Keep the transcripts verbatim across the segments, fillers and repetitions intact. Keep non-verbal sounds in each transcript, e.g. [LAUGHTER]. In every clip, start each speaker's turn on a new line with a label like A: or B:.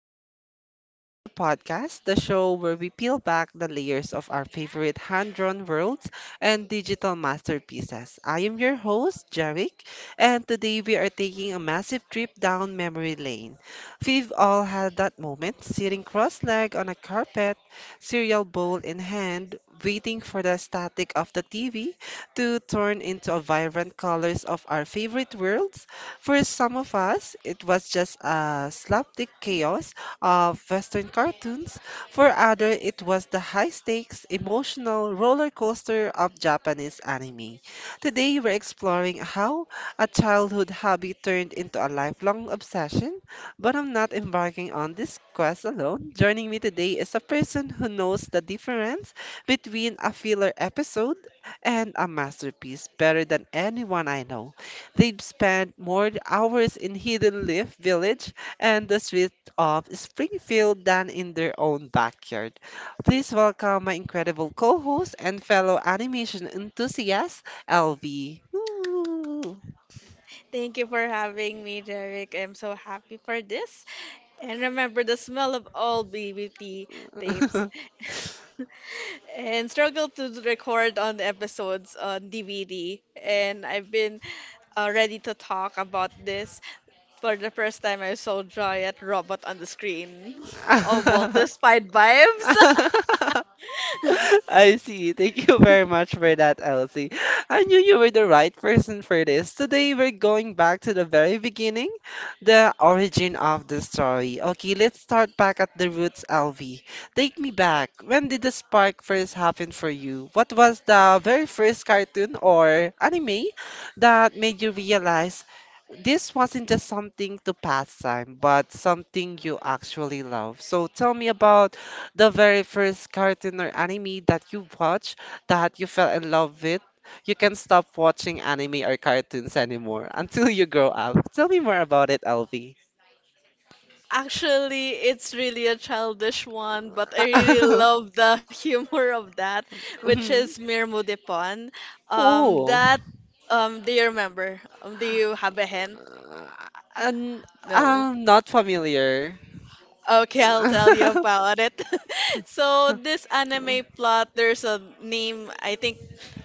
A: to our podcast, the show where we peel back the layers of our favorite hand-drawn worlds and digital masterpieces. I am your host, Jarek, and today we are taking a massive trip down memory lane. We've all had that moment, sitting cross-legged on a carpet, cereal bowl in hand, waiting for the static of the T V to turn into a vibrant colors of our favorite worlds for some of us, it was just a slapstick chaos of Western cartoons. For others, it was the high stakes, emotional roller coaster of Japanese anime. Today, we're exploring how a childhood hobby turned into a lifelong obsession. But I'm not embarking on this quest alone. Joining me today is a person who knows the difference between a filler episode and a masterpiece better than anyone I know they spend more hours in Hidden Leaf Village and the streets of Springfield than in their own backyard. Please welcome my incredible co host and fellow animation enthusiast, L V. Woo!
B: Thank you for having me, Derek. I'm so happy for this. And remember the smell of old B B T tapes. [LAUGHS] And struggle to record on episodes on D V D. And I've been uh, ready to talk about this. For the first time, I saw Joy at Robot on the screen. [LAUGHS] Oh, Walt the Spied
A: [LAUGHS]
B: vibes. [LAUGHS]
A: [LAUGHS] [LAUGHS] I see. Thank you very much for that, Elsie. I knew you were the right person for this. Today, we're going back to the very beginning, the origin of the story. Okay, let's start back at the roots, L V. Take me back. When did the spark first happen for you? What was the very first cartoon or anime that made you realize this wasn't just something to pass time, but something you actually love? So, tell me about the very first cartoon or anime that you watch that you fell in love with, you can stop watching anime or cartoons anymore until you grow up. Tell me more about it, Alvi.
B: Actually, it's really a childish one, but I really
A: [LAUGHS]
B: love the [LAUGHS] humor of that, which is
A: Mhm.
B: Mirmo de Pan. Um,
A: Oh,
B: that, um, do you remember? Um, do you have a hint?
A: and
B: No.
A: I'm not familiar.
B: Okay, I'll tell you
A: [LAUGHS]
B: about it. [LAUGHS] So this anime plot, there's a name, I think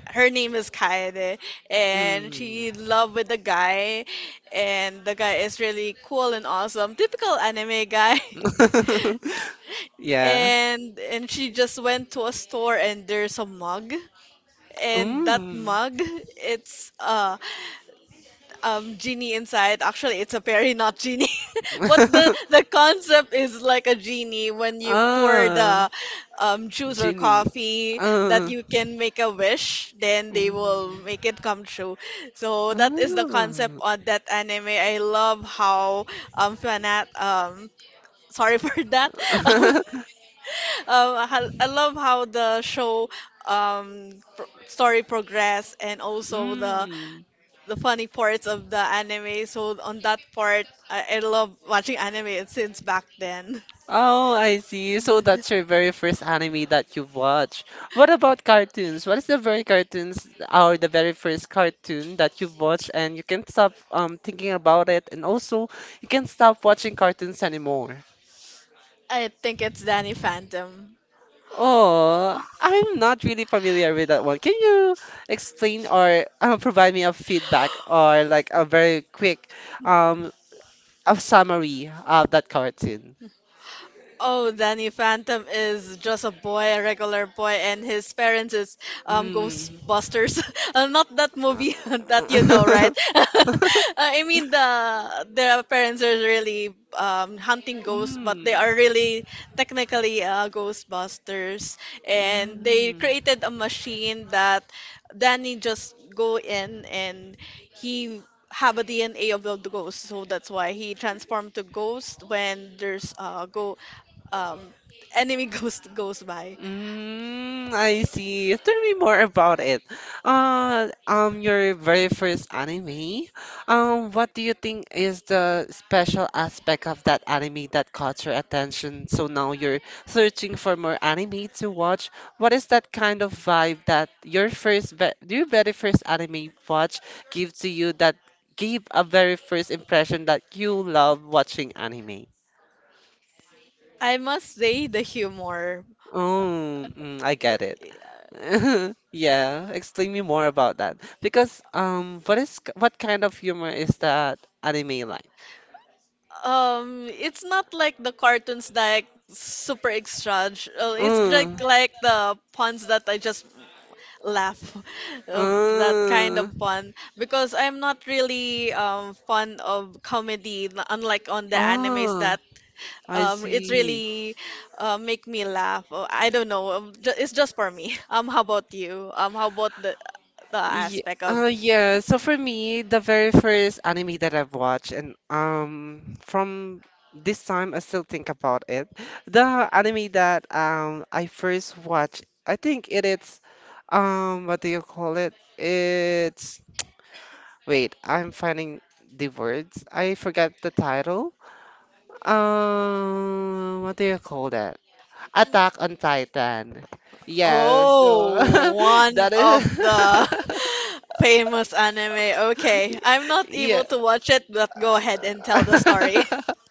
B: her name is Kaede, and
A: Mm.
B: she in love with the guy, and the guy is really cool and awesome. Typical anime guy. [LAUGHS]
A: [LAUGHS] Yeah.
B: and and she just went to a store and there's a mug, and that
A: Mm.
B: mug, it's uh um genie inside. Actually, it's a fairy, not genie. [LAUGHS] But the
A: [LAUGHS]
B: the concept is like a genie. When you pour
A: Ah,
B: the um juice or
A: Ginny.
B: coffee, that
A: Ah.
B: you can make a wish, then they will
A: Mm.
B: make it come true. So that is the concept
A: Ah.
B: on that anime. I love how um fanat um sorry for that. [LAUGHS]
A: [LAUGHS]
B: Um, I, I love how the show um, pro- story progress, and also the
A: Mm.
B: the funny parts of the anime. So on that part, I, I love watching anime since back then.
A: Oh, I see. So that's your very first anime that you've watched. What about cartoons? What is the very cartoons or the very first cartoon that you've watched and you can't stop um thinking about it and also you can't stop watching cartoons anymore?
B: [LAUGHS] I think it's Danny Phantom.
A: Oh, I'm not really familiar with that one. Can you explain or uh, provide me a feedback or like a very quick um a summary of that cartoon?
B: Oh, Danny Phantom is just a boy, a regular boy, and his parents is um
A: Mm.
B: Ghostbusters. [LAUGHS] uh, not that movie [LAUGHS] that you know, right?
A: [LAUGHS]
B: [LAUGHS] Uh, I mean the their parents are really um hunting ghosts, but
A: Mm.
B: they are really technically uh, Ghostbusters, and they
A: Mm.
B: created a machine that Danny just go in, and he have a D N A of the ghost, so that's why he transformed to ghost when there's uh go um, enemy [LAUGHS] goes goes by.
A: Mm, I see. Tell me more about it. Uh, um, your very first anime. Um, what do you think is the special aspect of that anime that caught your attention? So now you're searching for more anime to watch. What is that kind of vibe that your first, ve your very first anime watch give to you that gave a very first impression that you love watching anime?
B: I must say the humor.
A: Oh, mm, I get it. [LAUGHS] Yeah, explain me more about that. Because um, what is what kind of humor is that anime like?
B: Um, it's not like the cartoons that like super extra. Uh, it's like
A: Mm,
B: like the puns that I just laugh, [LAUGHS] uh, that kind of
A: mm,
B: fun. Because I'm not really um fond of comedy, n- unlike on the animes
A: oh,
B: that
A: I
B: um, it
A: see.
B: really uh, make me laugh. Oh, I don't know. um, ju- It's just for me. [LAUGHS] Um, how about you? Um, how about the the
A: Yeah.
B: aspect of…
A: uh, yeah. So for me, the very first anime that I've watched, and um, from this time I still think about it. The anime that um I first watched, I think it is um, what do you call it? It's wait, I'm finding the words. I forgot the title. Um, what do you call that? Attack on Titan. Yeah. So
B: Oh,
A: [LAUGHS]
B: one
A: that is.
B: of the [LAUGHS] famous anime. Okay, I'm not
A: [LAUGHS] yeah.
B: able to watch it, but go ahead and tell the story.
A: [LAUGHS]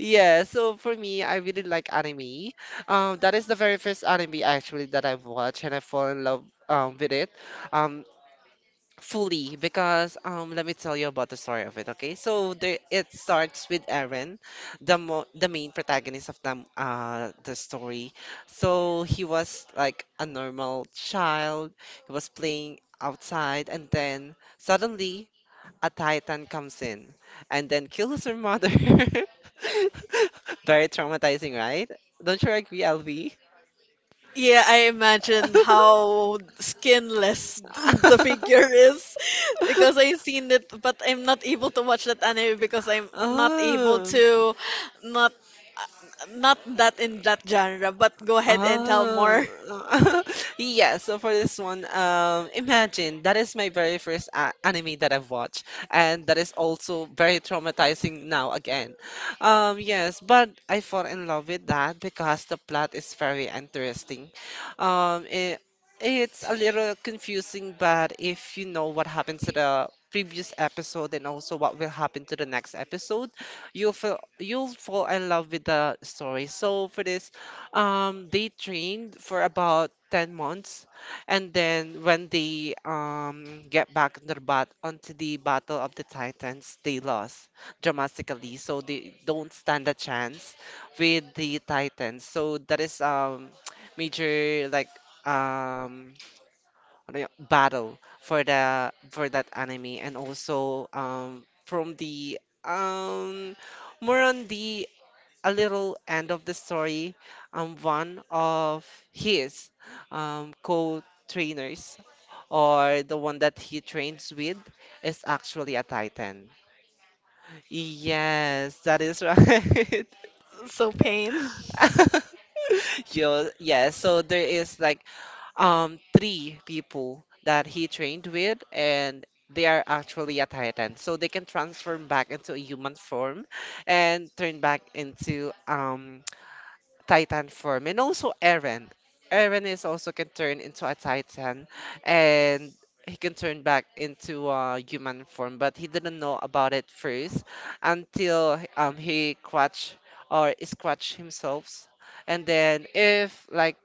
A: Yeah, so for me, I really like anime. Um, that is the very first anime actually that I've watched, and I fall in love um with it, um fully because um let me tell you about the story of it. Okay, so there it starts with Eren, the mo the main protagonist of them uh the story. So he was like a normal child. He was playing outside, and then suddenly a titan comes in and then kills her mother. [LAUGHS] Very traumatizing, right? Don't you agree, L V?
B: Yeah, I imagine how skinless [LAUGHS] the figure is [LAUGHS] because
A: [LAUGHS]
B: I've seen it, but I'm not able to watch that anime because I'm not able
A: oh.
B: to, not not that in that genre. But go ahead and tell
A: Ah,
B: more. [LAUGHS]
A: [LAUGHS] yeah. So for this one, um, imagine that is my very first a anime that I've watched, and that is also very traumatizing now again. Um, yes, but I fall in love with that because the plot is very interesting. Um, it, it's a little confusing, but if you know what happened to the previous episode and also what will happen to the next episode, you'll feel, you'll fall in love with the story. So for this. Um, they trained for about ten months, and then when they um, get back on the bat onto the Battle of the Titans, they lost dramatically, so they don't stand a chance with the Titans. So that is um [TSK] major like um ano yun, battle for the for that anime, and also um from the um more on the a little end of the story. Um, one of his um, co-trainers or the one that he trains with is actually a Titan. Yes, that is right.
B: So pain.
A: [LAUGHS] Yo, yeah, so there is like um three people that he trained with and they are actually a titan. So they can transform back into a human form and turn back into um titan form and also Eren. Eren is also can turn into a titan and he can turn back into a human form, but he didn't know about it first until um he crutch or scratch himself. And then if like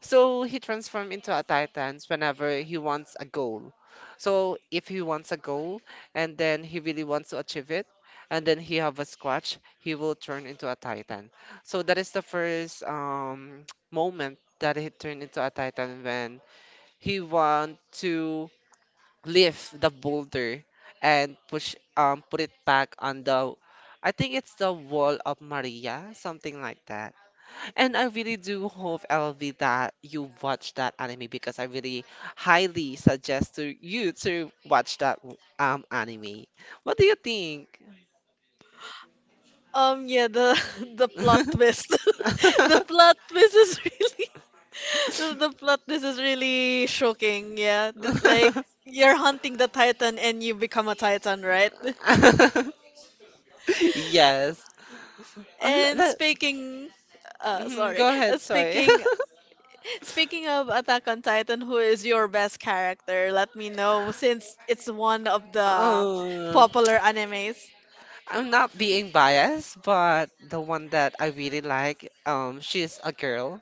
A: so he transforms into a titan whenever he wants a goal. So if he wants a goal and then he really wants to achieve it, and then he have a squatch, he will turn into a titan. So that is the first um, [TSK] moment that he turned into a titan when he want to lift the boulder and push um put it back on the I think it's the wall of Maria, something like that. And I really do hope, L V, that you watch that anime because I really highly suggest to you to watch that um anime. What do you think?
B: Um, yeah, the [LAUGHS] the plot twist, [LAUGHS] the plot
A: [LAUGHS]
B: twist is [LAUGHS] really the the plot twist is really shocking. Yeah, that, like, you're hunting the titan and you become a titan, right?
A: Yes. Uh, le-
B: And
A: le-
B: speaking, uh,
A: mhm,
B: sorry,
A: go ahead,
B: Uh,
A: sorry. [LAUGHS]
B: speaking, speaking of Attack on Titan, who is your best character? Let me know, since it's one of the
A: Um,
B: popular animes.
A: I'm not being biased, but the one that I really like, um, she's a girl.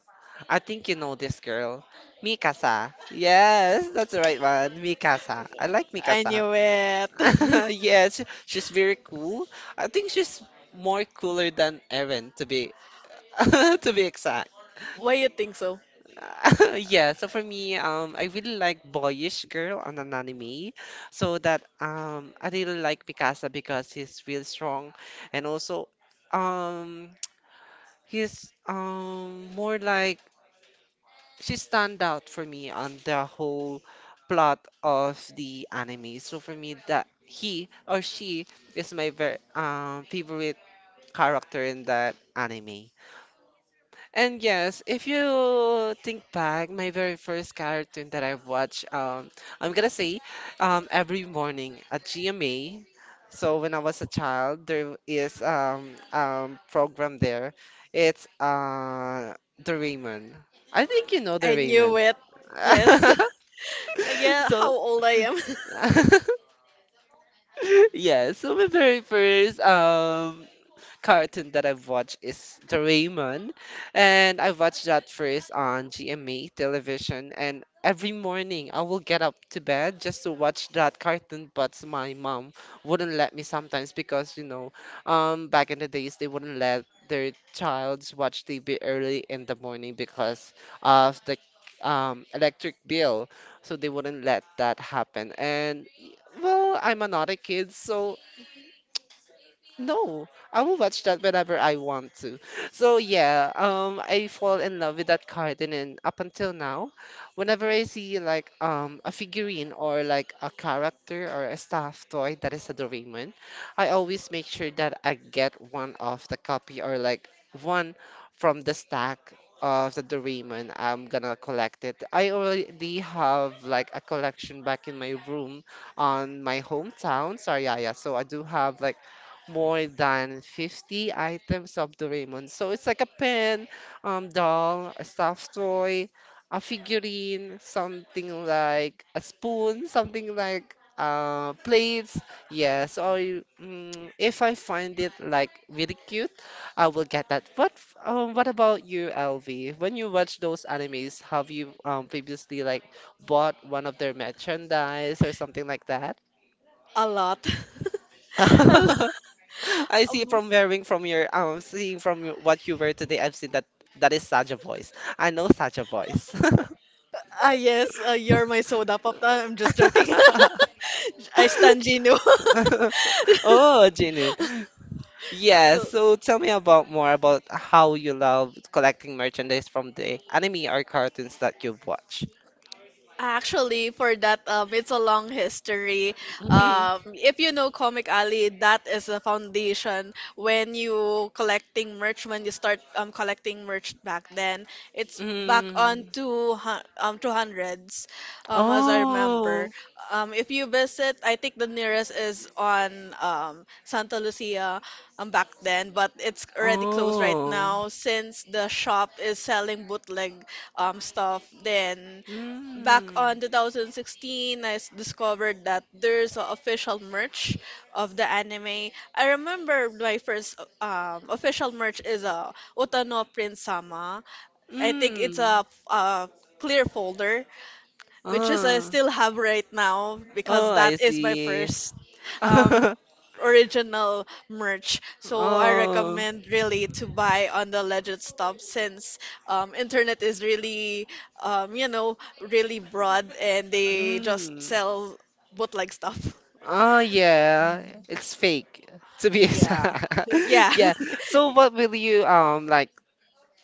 A: I think you know this girl, Mikasa. Yes, that's the right one, Mikasa. I like
B: I
A: Mikasa.
B: knew it.
A: [LAUGHS]
B: [LAUGHS]
A: Yes, she's very cool. I think she's more cooler than Eren, to be [LAUGHS] to be exact.
B: Why you think so?
A: [LAUGHS] yeah, so for me, um, I really like boyish girl on an anime. So that um, I really like Mikasa because he's real strong, and also, um, [TSK] he's um more like she stand out for me on the whole plot of the anime. So for me, that he or she is my ver um favorite character in that anime. And yes, if you think back, my very first cartoon that I've watched, um, I'm gonna say, um, every morning at G M A. So when I was a child, there is um um program there. It's uh the Raymond. I think you know the
B: I knew
A: Raymond.
B: it. Yes. [LAUGHS]
A: [LAUGHS]
B: Yeah,
A: So
B: how old I am? [LAUGHS]
A: [LAUGHS] yeah, so my very first um cartoon that I've watched is Doraemon, and I watched that first on G M A television. And every morning I will get up to bed just to watch that cartoon, but my mom wouldn't let me sometimes because you know, um, back in the days they wouldn't let their childs watch T V early in the morning because of the um, electric bill, so they wouldn't let that happen. And y- well, I'm another kid, so no, I will watch that whenever I want to. So yeah, um, I fall in love with that cartoon, and up until now, whenever I see like um a figurine or like a character or a staff toy that is a Doraemon, I always make sure that I get one of the copy or like one from the stack of the Doraemon. I'm gonna collect it. I already have like a collection back in my room on my hometown, Sariaya. So I do have like more than fifty items of Doraemon. So it's like a pen, um, doll, a stuffed toy, a figurine, something like a spoon, something like uh, plates. Yes, or you- mm, if I find it like really cute, I will get that. But um, what about you, L V? When you watch those animes, have you um, previously like bought one of their merchandise or something like that?
B: A lot. [LAUGHS] A lot.
A: [LAUGHS] I see
B: Um,
A: from wearing from your um seeing from your- what you wear today, I've seen that that is such a voice. I know such a voice.
B: Ah, yes, uh, you're my soda pop. Ah, I'm just joking.
A: [LAUGHS]
B: [LAUGHS] I stand Gino. [LAUGHS]
A: Oh, Jenny. Yeah, so tell me about more about how you love collecting merchandise from the anime or cartoons that you've
B: So,
A: watched.
B: actually, for that, um, it's a long history.
A: [LAUGHS] Mhm.
B: Um, if you know Comic Alley, that is the foundation. When you collecting merch, when you start um, collecting merch back then, it's back on
A: Mm.
B: two hu- um, two hundreds, um, as I
A: Oh,
B: remember. Um, if you visit, I think the nearest is on um, Santa Lucia um, back then, but it's already closed right
A: oh.
B: now since the shop is selling bootleg um, stuff. Then back
A: Mm.
B: on two thousand sixteen, I s- discovered that there's a official merch of the anime. I remember my first um, official merch is a Utano Prince Sama. I think it's
A: Mm.
B: a, f- a clear folder, which is I
A: Oh,
B: still have right now,
A: oh,
B: because
A: I
B: that is my
A: see.
B: first
A: [LAUGHS]
B: um, original merch. So I
A: Oh,
B: recommend really to buy on the Legend Stop, since um, internet is really um, you know, really broad and they just
A: mm.
B: sell bootleg stuff. [LAUGHS]
A: Oh yeah, it's fake to be
B: Yeah,
A: exact.
B: yeah.
A: [LAUGHS] Yeah.
B: [LAUGHS]
A: So what will you um like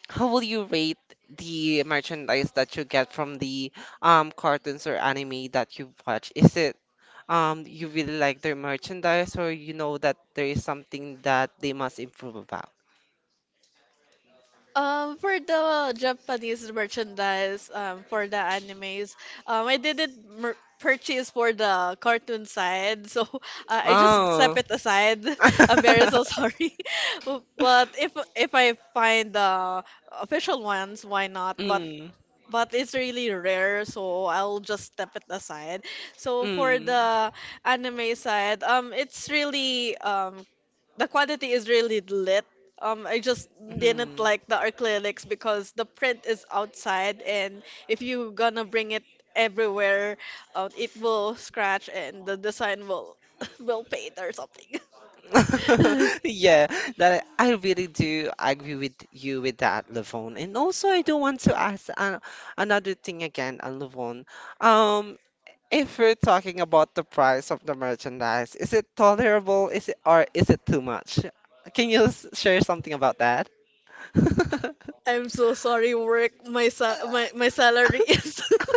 A: how will you rate the merchandise that you get from the um cartoons or anime that you watch? Is it um you really like their merchandise or you know that there is something that they must improve about?
B: Um, for the Japanese merchandise, um, for the animes, um, I didn't mer purchase for the cartoon side, so [LAUGHS] uh, I just set
A: Oh.
B: it aside. [LAUGHS] I'm very so
A: [LAUGHS]
B: sorry, [LAUGHS] but if if I find the official ones, why not? But
A: Mm,
B: but it's really rare, so I'll just step it aside. So for
A: mm,
B: the anime side, um, it's really um, the quality is really lit. Um, I just didn't
A: mm.
B: like the acrylics because the print is outside, and if you gonna bring it everywhere, uh, it will scratch and the design will [LAUGHS] will paint or something.
A: [LAUGHS]
B: [LAUGHS]
A: Yeah, that I really do agree with you with that, Levon. And also, I do want to ask an another thing again, uh, Levon. Um, if we're talking about the price of the merchandise, is it tolerable? Is it or is it too much? Can you s- share something about that? [LAUGHS]
B: I'm so sorry, work. My sa- my my salary is. [LAUGHS]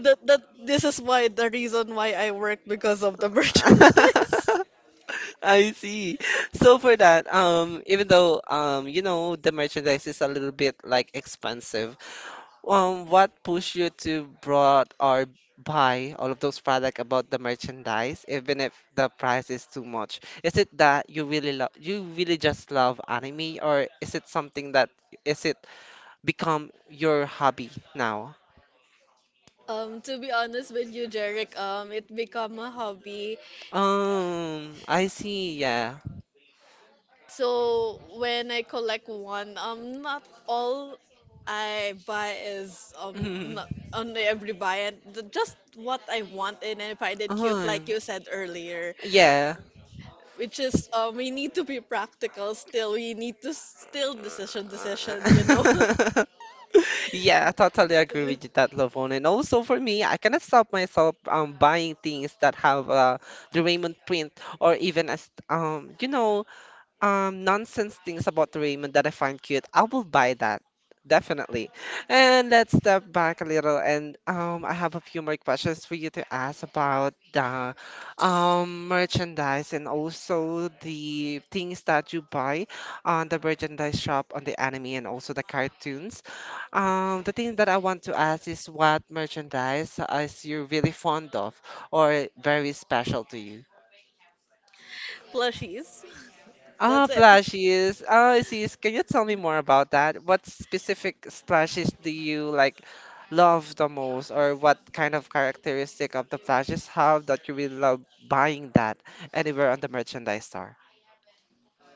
B: that that This is why the reason why I work, because of the [LAUGHS] merchandise.
A: I see. So for that, um, even though um, you know, the merchandise is a little bit like expensive. Um, what pushed you to brought or buy all of those products about the merchandise, even if the price is too much? Is it that you really love, you really just love anime, or is it something that is it become your hobby now?
B: Um, to be honest with you, Jeric, um, it become a hobby.
A: Um, I see. Yeah.
B: So when I collect one, um, not all I buy is um not
A: [LAUGHS]
B: only every buy and the- just what I want and I find it cute, like
A: Um,
B: you said earlier.
A: yeah.
B: Which is um, we need to be practical still. We need to still decision decisions, you know.
A: [LAUGHS] Yeah, I totally agree with you
B: [LAUGHS]
A: that Lovon. And also for me, I cannot stop myself um buying things that have uh, the Raymond print or even as um you know um nonsense things about Raymond that I find cute, I will buy that. Definitely. And let's step back a little and um I have a few more questions for you to ask about the um merchandise and also the things that you buy on the merchandise shop on the anime and also the cartoons. Um the thing that I want to ask is what merchandise is you really fond of or very special to you?
B: Plushies.
A: Ah,
B: That's it.
A: splashes. Oh, sis, can you tell me more about that? What specific splashes do you like love the most, or what kind of characteristic of the splashes have that you really love buying that anywhere on the merchandise store?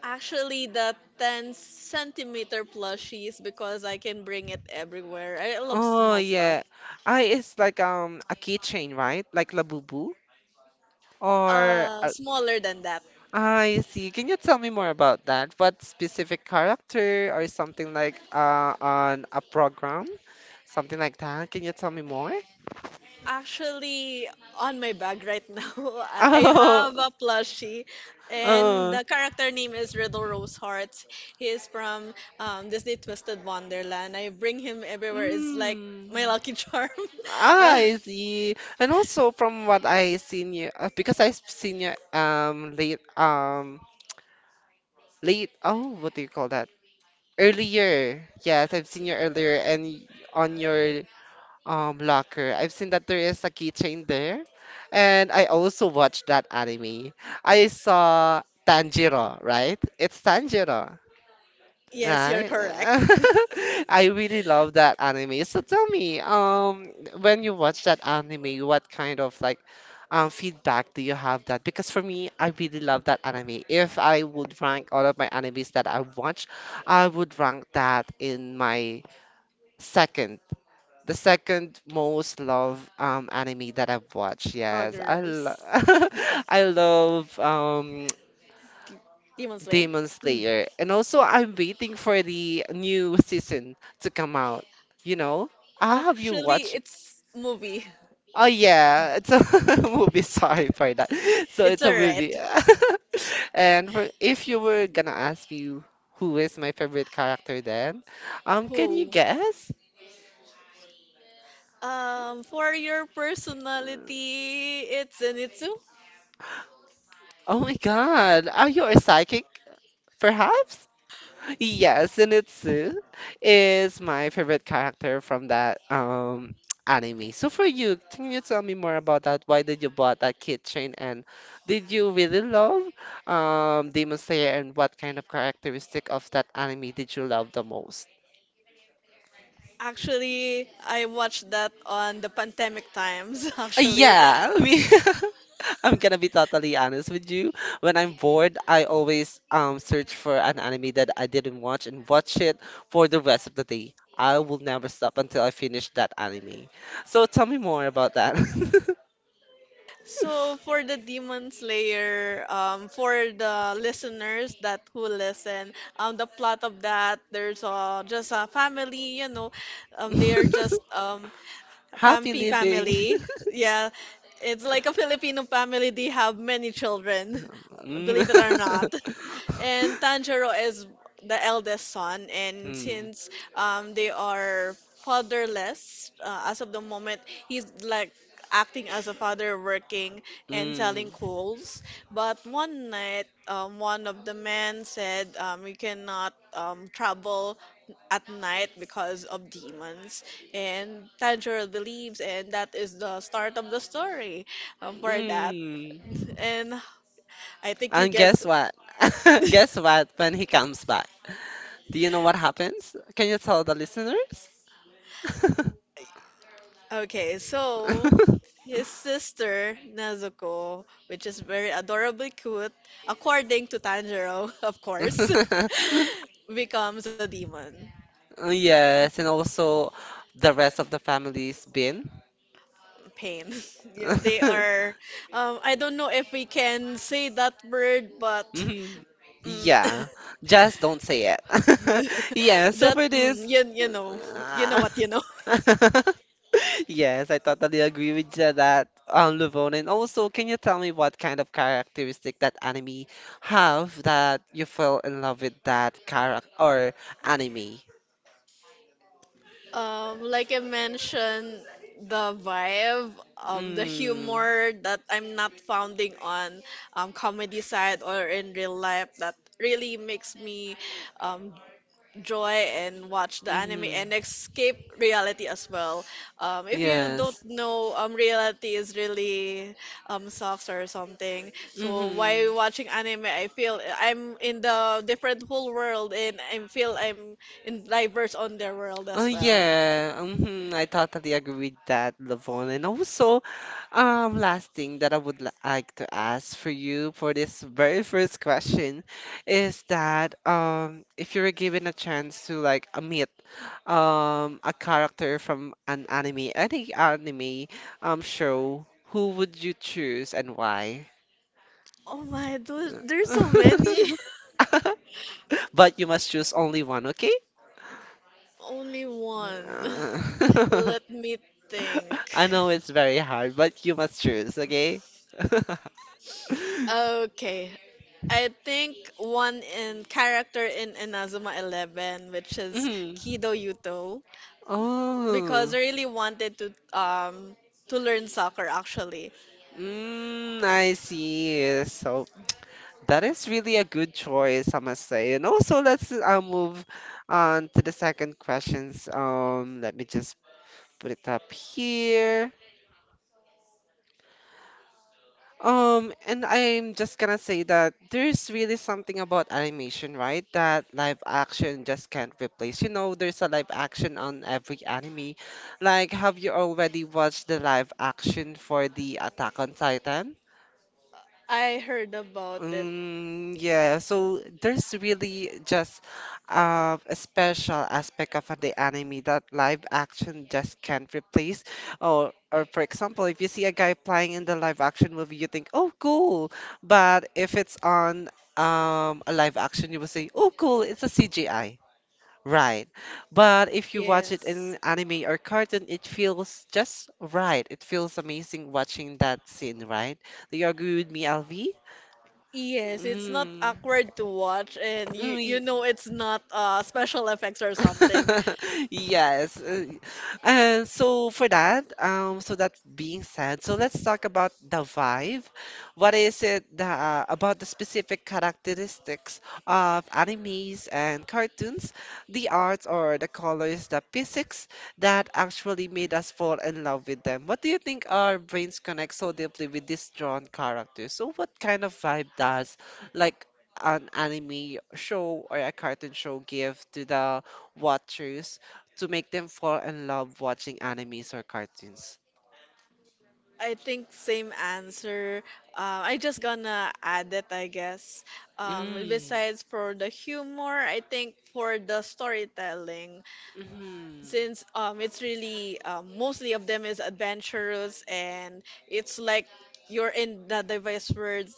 B: Actually, the 10 centimeter plushies because I can bring it everywhere. I love
A: Oh
B: small stuff.
A: yeah, I it's like um a keychain, right? Like Labubu, or
B: Uh,
A: uh,
B: smaller than that.
A: I see. Can you tell me more about that? What specific character or something like uh on a program, something like that? Can you tell me more?
B: Actually, on my bag right now, [LAUGHS] I I
A: Oh,
B: have a plushie,
A: [LAUGHS]
B: and
A: oh,
B: the character name is Riddle Rose Hearts. He is from um, Disney Twisted Wonderland. I bring him everywhere. It's like
A: mm.
B: my lucky charm. [LAUGHS]
A: Ah,
B: Uh,
A: I see. And also from what I seen you, uh, because I've seen you um late um late. Oh, what do you call that? Earlier. Yes, I've seen you earlier and y- on your um locker. I've seen that there is a keychain there, and I also watched that anime. I saw Tanjiro, right? It's Tanjiro.
B: yes, you're
A: Right?
B: correct.
A: [LAUGHS] I really love that anime. So tell me, um, when you watch that anime, what kind of like um feedback do you have that? Because for me, I really love that anime. If I would rank all of my animes that I watch, I would rank that in my second, the second most love um anime that I've watched.
B: [LAUGHS]
A: Yes, I lo
B: Poggers.
A: [LAUGHS] I love um
B: Demon Slayer?
A: Demon Slayer. And also, I'm waiting for the new season to come out. You know? Ah, have you
B: Actually,
A: watched?
B: it's movie.
A: Oh, yeah. It's a [LAUGHS] movie. Sorry for that.
B: [LAUGHS]
A: So,
B: It's
A: it's
B: a
A: a
B: red.
A: movie. [LAUGHS] And for, if you were gonna ask me who is my favorite character then, um, can you
B: Who?
A: guess?
B: Um, for your personality, it's Zenitsu.
A: Oh my God. Are you a psychic, perhaps? Yes, Zenitsu is my favorite character from that um [TSK] anime. So for you, can you tell me more about that? Why did you bought that keychain and did you really love um Demon Slayer and what kind of characteristic of that anime did you love the most?
B: Actually, I watched that on the pandemic times, [LAUGHS]
A: Uh,
B: actually.
A: Yeah, I mean, [LAUGHS] I'm gonna be totally honest with you. When I'm bored, I always um search for an anime that I didn't watch and watch it for the rest of the day. I will never stop until I finish that anime. So tell me more about that.
B: So for the Demon Slayer, um, for the listeners that who listen, um, the plot of that, there's uh, just a family, you know, um, they are just
A: [LAUGHS]
B: um,
A: Happy
B: Fampi
A: living.
B: family.
A: [LAUGHS]
B: Yeah, it's like a Filipino family. They have many children, [LAUGHS]
A: Mm.
B: believe it or not. [LAUGHS]
A: [LAUGHS]
B: And Tanjiro is the eldest son, and
A: Mm.
B: since um, they are fatherless uh, as of the moment, he's like acting as a father, working and
A: Mm.
B: selling coals. But one night, um, one of the men said, um, "We cannot um, travel at night because of demons." And Tanjiro believes, and that is the start of the story um, for that.
A: Mm.
B: And I think you
A: And
B: guess.
A: guess
B: [LAUGHS]
A: what? [LAUGHS] Guess what? When he comes back. Do you know what happens? Can you tell the listeners? [LAUGHS]
B: Okay, so his sister Nezuko, which is very adorably cute, according to Tanjiro, [LAUGHS] of course, [LAUGHS] becomes a demon.
A: Yes, and also the rest of the family's bin.
B: Pain. [LAUGHS] Yeah, they
A: [LAUGHS]
B: are. Um, I don't know if we can say that word, but
A: Mhm.
B: mm,
A: Yeah,
B: [LAUGHS]
A: just don't say it. [LAUGHS]
B: [LAUGHS]
A: Yeah, so
B: that
A: for this,
B: mm, you you know you know what you know.
A: [LAUGHS] yes, I totally agree with you that um Luvon. And also, can you tell me what kind of characteristic that anime have that you fell in love with that character or anime?
B: Um, like I mentioned, the vibe, um, the
A: Mm,
B: humor that I'm not founding on um comedy side or in real life, that really makes me um enjoy and watch the anime and
A: mm-hmm.
B: escape reality as well. Um, if you don't
A: Yes.
B: know, um, reality is really um, sucks or something. So
A: Mm-hmm.
B: while watching anime, I feel I'm in the different whole world, and I feel I'm in diverse on their world
A: Oh
B: as well.
A: yeah, mhm, I totally agree with that, Lavon. And also, um, last thing that I would li- like to ask for you for this very first question is that um, if you were given a chance to like uh, meet um a character from an anime, any anime um show, who would you choose and why?
B: Oh my, those, there's so many.
A: [LAUGHS] But you must choose only one, okay?
B: [LAUGHS] Only one. [LAUGHS]
A: Uh,
B: Let me
A: [LAUGHS]
B: think.
A: [LAUGHS] I know it's very hard, but you must choose, okay? [LAUGHS]
B: Okay. I think one in character in Inazuma eleven, which is
A: Mhm.
B: Kido Yuto, because
A: Oh,
B: I really wanted to um to learn soccer actually.
A: mm, I see. So that is really a good choice, I must say. And also, let's uh, move on to the second questions. Um, let me just put it up here. Um, and I'm just gonna say that there's really something about animation, right? That live action just can't replace. You know, there's a live action on every anime. Like, have you already watched the live action for the Attack on Titan?
B: I heard about it.
A: Mm, yeah, so there's really just uh, a special aspect of the anime that live action just can't replace. Or, or for example, if you see a guy playing in the live action movie, you think, "Oh, cool," but if it's on um, a live action, you will say, "Oh, cool, it's a C G I." Right. But if you watch it
B: Yes.
A: in anime or cartoon, it feels just right. It feels amazing watching that scene, right? Do you agree with me, L V?
B: Yes, it's not
A: Mm.
B: awkward to watch and you you
A: Mm,
B: know it's not uh special effects or something.
A: [LAUGHS] yes. uh, And so for that, um, so that being said, so let's talk about the vibe. What is it that, about the specific characteristics of animes and cartoons, the arts or the colors, the physics that actually made us fall in love with them? What do you think our brains connect so deeply with these drawn characters? So what kind of vibe does like an anime show or a cartoon show give to the watchers to make them fall in love watching animes or cartoons?
B: I think same answer. Uh, I just gonna add it, I guess. Um,
A: Mm.
B: besides for the humor, I think for the storytelling,
A: Mm.
B: since um, it's really um, mostly of them is adventurous, and it's like you're in the device words.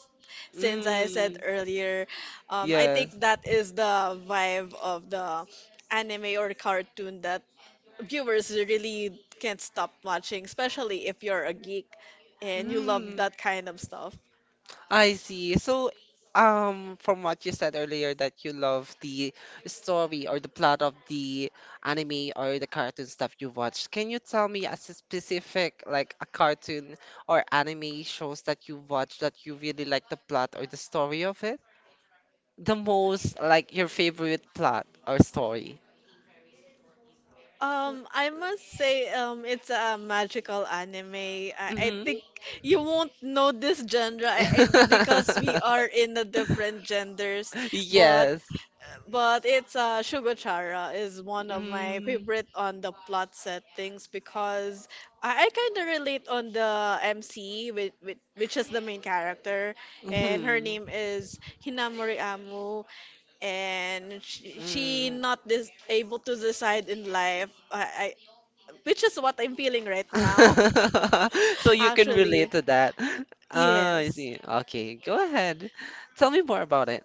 B: Since I said
A: Mm.
B: earlier, um, I
A: Yes.
B: think that is the vibe of the anime or cartoon that viewers really can't stop watching, especially if you're a geek and you love
A: Mm.
B: that kind of stuff.
A: I see. So, um, from what you said earlier, that you love the story or the plot of the anime or the cartoon stuff you watched, can you tell me as a specific, like a cartoon or anime shows that you watched that you really like the plot or the story of it? The most like your favorite plot or story?
B: Um, I must say, um, it's a magical anime. I, I
A: Hmm.
B: think you won't know this genre I, I, because
A: [LAUGHS]
B: we are in the different genders, but
A: Yes.
B: But it's uh, Shugochara is one of my
A: Mm-hmm.
B: favorite on the plot settings because I, I kind of relate on the M C, which, which is the main character, and her name is Hinamori Amu, and she, she
A: Mm.
B: not this able to decide in life, I, I, which is what I'm feeling right now,
A: [LAUGHS] So
B: [LAUGHS]
A: you can relate
B: actually.
A: to that. Ah, I
B: Yes.
A: see. Okay, go ahead. Tell me more about it.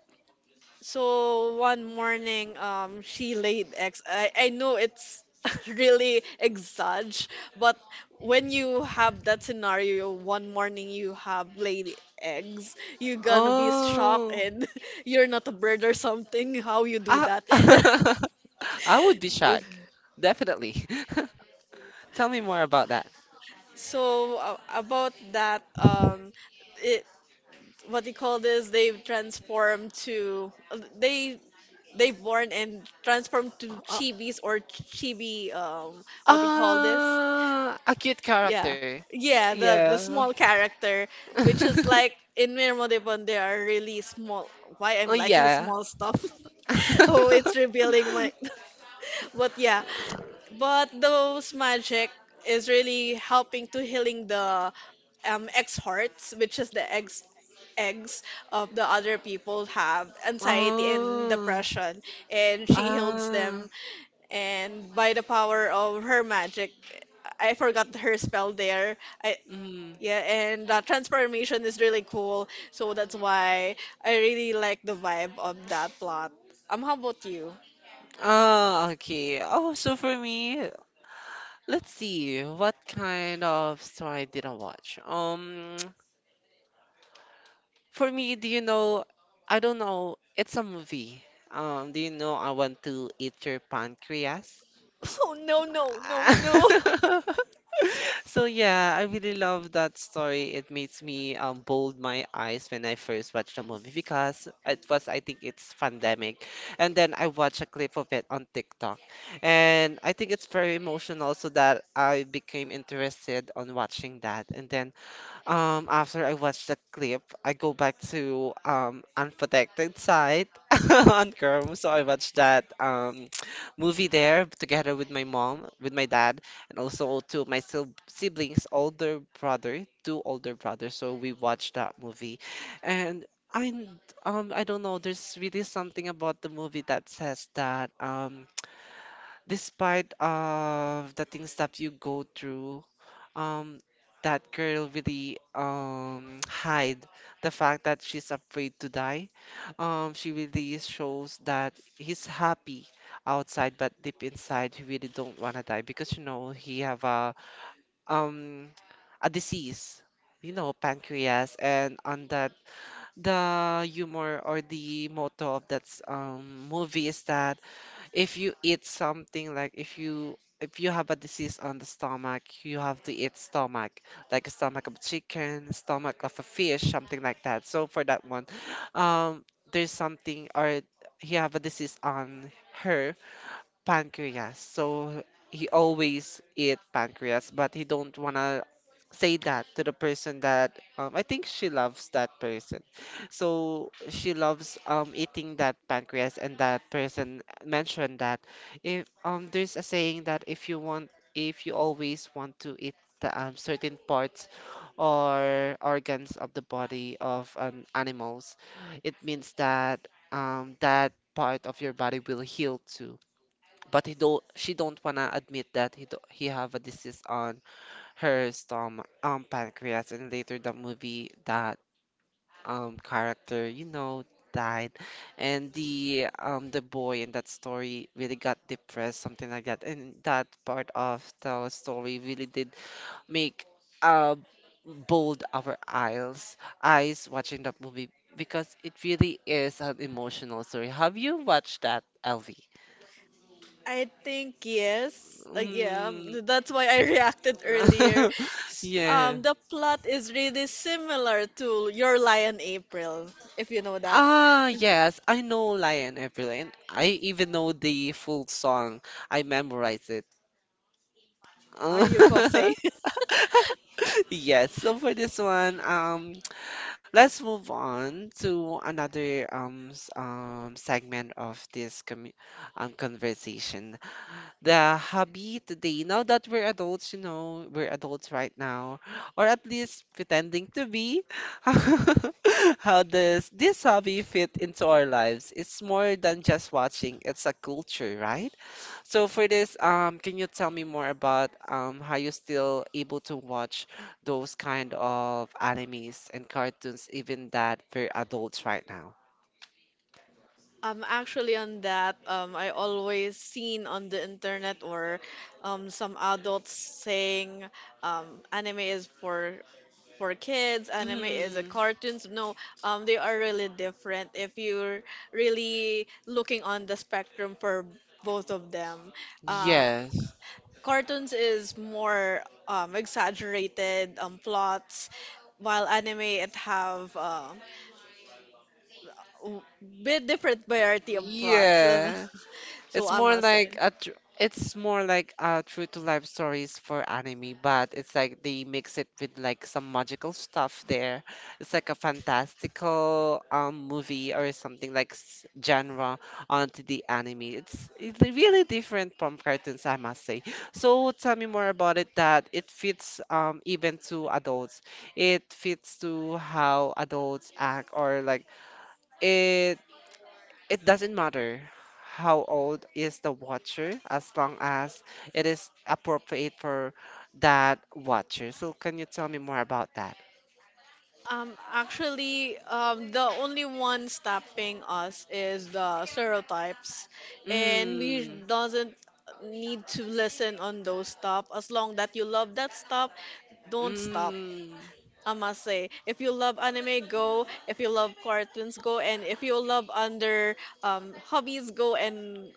B: So one morning, um, she laid eggs. I, I know it's [LAUGHS] really exage, but when you have that scenario, one morning you have laid eggs, you're gonna be shocked
A: Oh,
B: and [LAUGHS] you're not a bird or something. How you do
A: I,
B: that? [LAUGHS]
A: [LAUGHS] I would be shocked. Definitely. [LAUGHS] Tell me more about that.
B: So uh, about that, um, it what they call this, they've transformed to they They born and transform to
A: Uh,
B: chibis or chibi, um, what do you call this?
A: uh, a cute
B: Yeah,
A: character.
B: yeah, the the
A: Yeah.
B: small character, which is like
A: [LAUGHS]
B: in Mirmo Devon, they are really small. Why
A: Oh
B: I'm liking
A: yeah.
B: small stuff. [LAUGHS] Oh, it's
A: [LAUGHS]
B: revealing my. [LAUGHS] But yeah, but those magic is really helping to healing the um X hearts, which is the ex eggs of the other people have anxiety and
A: Oh.
B: depression, and she heals
A: Ah.
B: them and by the power of her magic, I forgot her spell there. I
A: Mm.
B: yeah, and uh, transformation is really cool, so that's why I really like the vibe of that plot. Um, how about you?
A: Ah, okay. Oh, so for me, let's see what kind of story did I watch? Um, [TSK] for me, do you know? I don't know. It's a movie. Um, do you know I want to eat your pancreas?
B: [LAUGHS] Oh, no, no, no, no!
A: [LAUGHS] So yeah, I really love that story. It makes me um bold my eyes when I first watched the movie because it was I think it's pandemic, and then I watched a clip of it on TikTok, and I think it's very emotional. So that I became interested on watching that, and then um, after I watch the clip, I go back to um unprotected side [LAUGHS] on Chrome. So I watched that um [TSK] movie there together with my mom, with my dad, and also two of my sil- siblings, older brother, two older brothers. So we watched that movie, and I um I don't know. There's really something about the movie that says that um [TSK] despite of the things that you go through um that girl really um hide the fact that she's afraid to die. Um, she really shows that he's happy outside, but deep inside he really don't wanna die because you know he have a um a disease, you know, pancreas, and on that the humor or the motto of that um movie is that if you eat something like if you if you have a disease on the stomach, you have to eat stomach, like a stomach of chicken, stomach of a fish, something like that. So for that one, um, there's something or he have a disease on her pancreas. So he always eat pancreas, but he don't wanna say that to the person that um, I think she loves that person. So she loves um, eating that pancreas, and that person mentioned that if um, there's a saying that if you want, if you always want to eat the um, certain parts or organs of the body of um, animals. It means that um, that part of your body will heal too, but he don't she don't wanna admit that he do, he have a disease on her stomach um pancreas. And later the movie, that um character you know died, and the um the boy in that story really got depressed, something like that, and that part of the story really did make uh bold our eyes eyes watching that movie, because it really is an emotional story. Have you watched that, Elvie?
B: [LAUGHS] I think yes. Uh, yeah, th- that's why I [LAUGHS] reacted earlier.
A: [LAUGHS]
B: S-
A: Yeah.
B: Um, the plot is really similar to Your Lion April, if you know that.
A: Ah, yes, I know Lion Evelyn. I even know the full song. I memorize it.
B: Are you Kosei?
A: [LAUGHS] Yes, so for this one, um, let's move on to another um s- um segment of this commu um conversation. The hobby today. Now that we're adults, you know we're adults right now, or at least pretending to be. [LAUGHS] How does this hobby fit into our lives? It's more than just watching, it's a culture, right? So for this, um can you tell me more about um how you are still able to watch those kind of animes and cartoons even that we're adults right now?
B: Um, actually, on that, um, I always seen on the internet or um, some adults saying um, anime is for for kids, anime is a
A: Mm.
B: cartoons. No, um, they are really different. If you're really looking on the spectrum for both of them, um,
A: Yes.
B: cartoons is more um, exaggerated um, plots, while anime it have um bit different variety of plots.
A: Yeah.
B: [LAUGHS] So
A: It's
B: I
A: more
B: must
A: like
B: say.
A: a tr it's more like uh true to life stories for anime, but it's like they mix it with like some magical stuff there. It's like a fantastical um movie or something like s- genre onto the anime. It's it's really different from cartoons, I must say. So tell me more about it that it fits um even to adults. It fits to how adults act, or like it it doesn't matter how old is the watcher, as long as it is appropriate for that watcher. So can you tell me more about that?
B: Um, actually, um, the only one stopping us is the stereotypes, and we
A: Mm.
B: doesn't need to listen on those stuff. As long that you love that stuff, don't stop.
A: Mm.
B: I must say, if you love anime, go. If you love cartoons, go. And if you love under um, hobbies, go and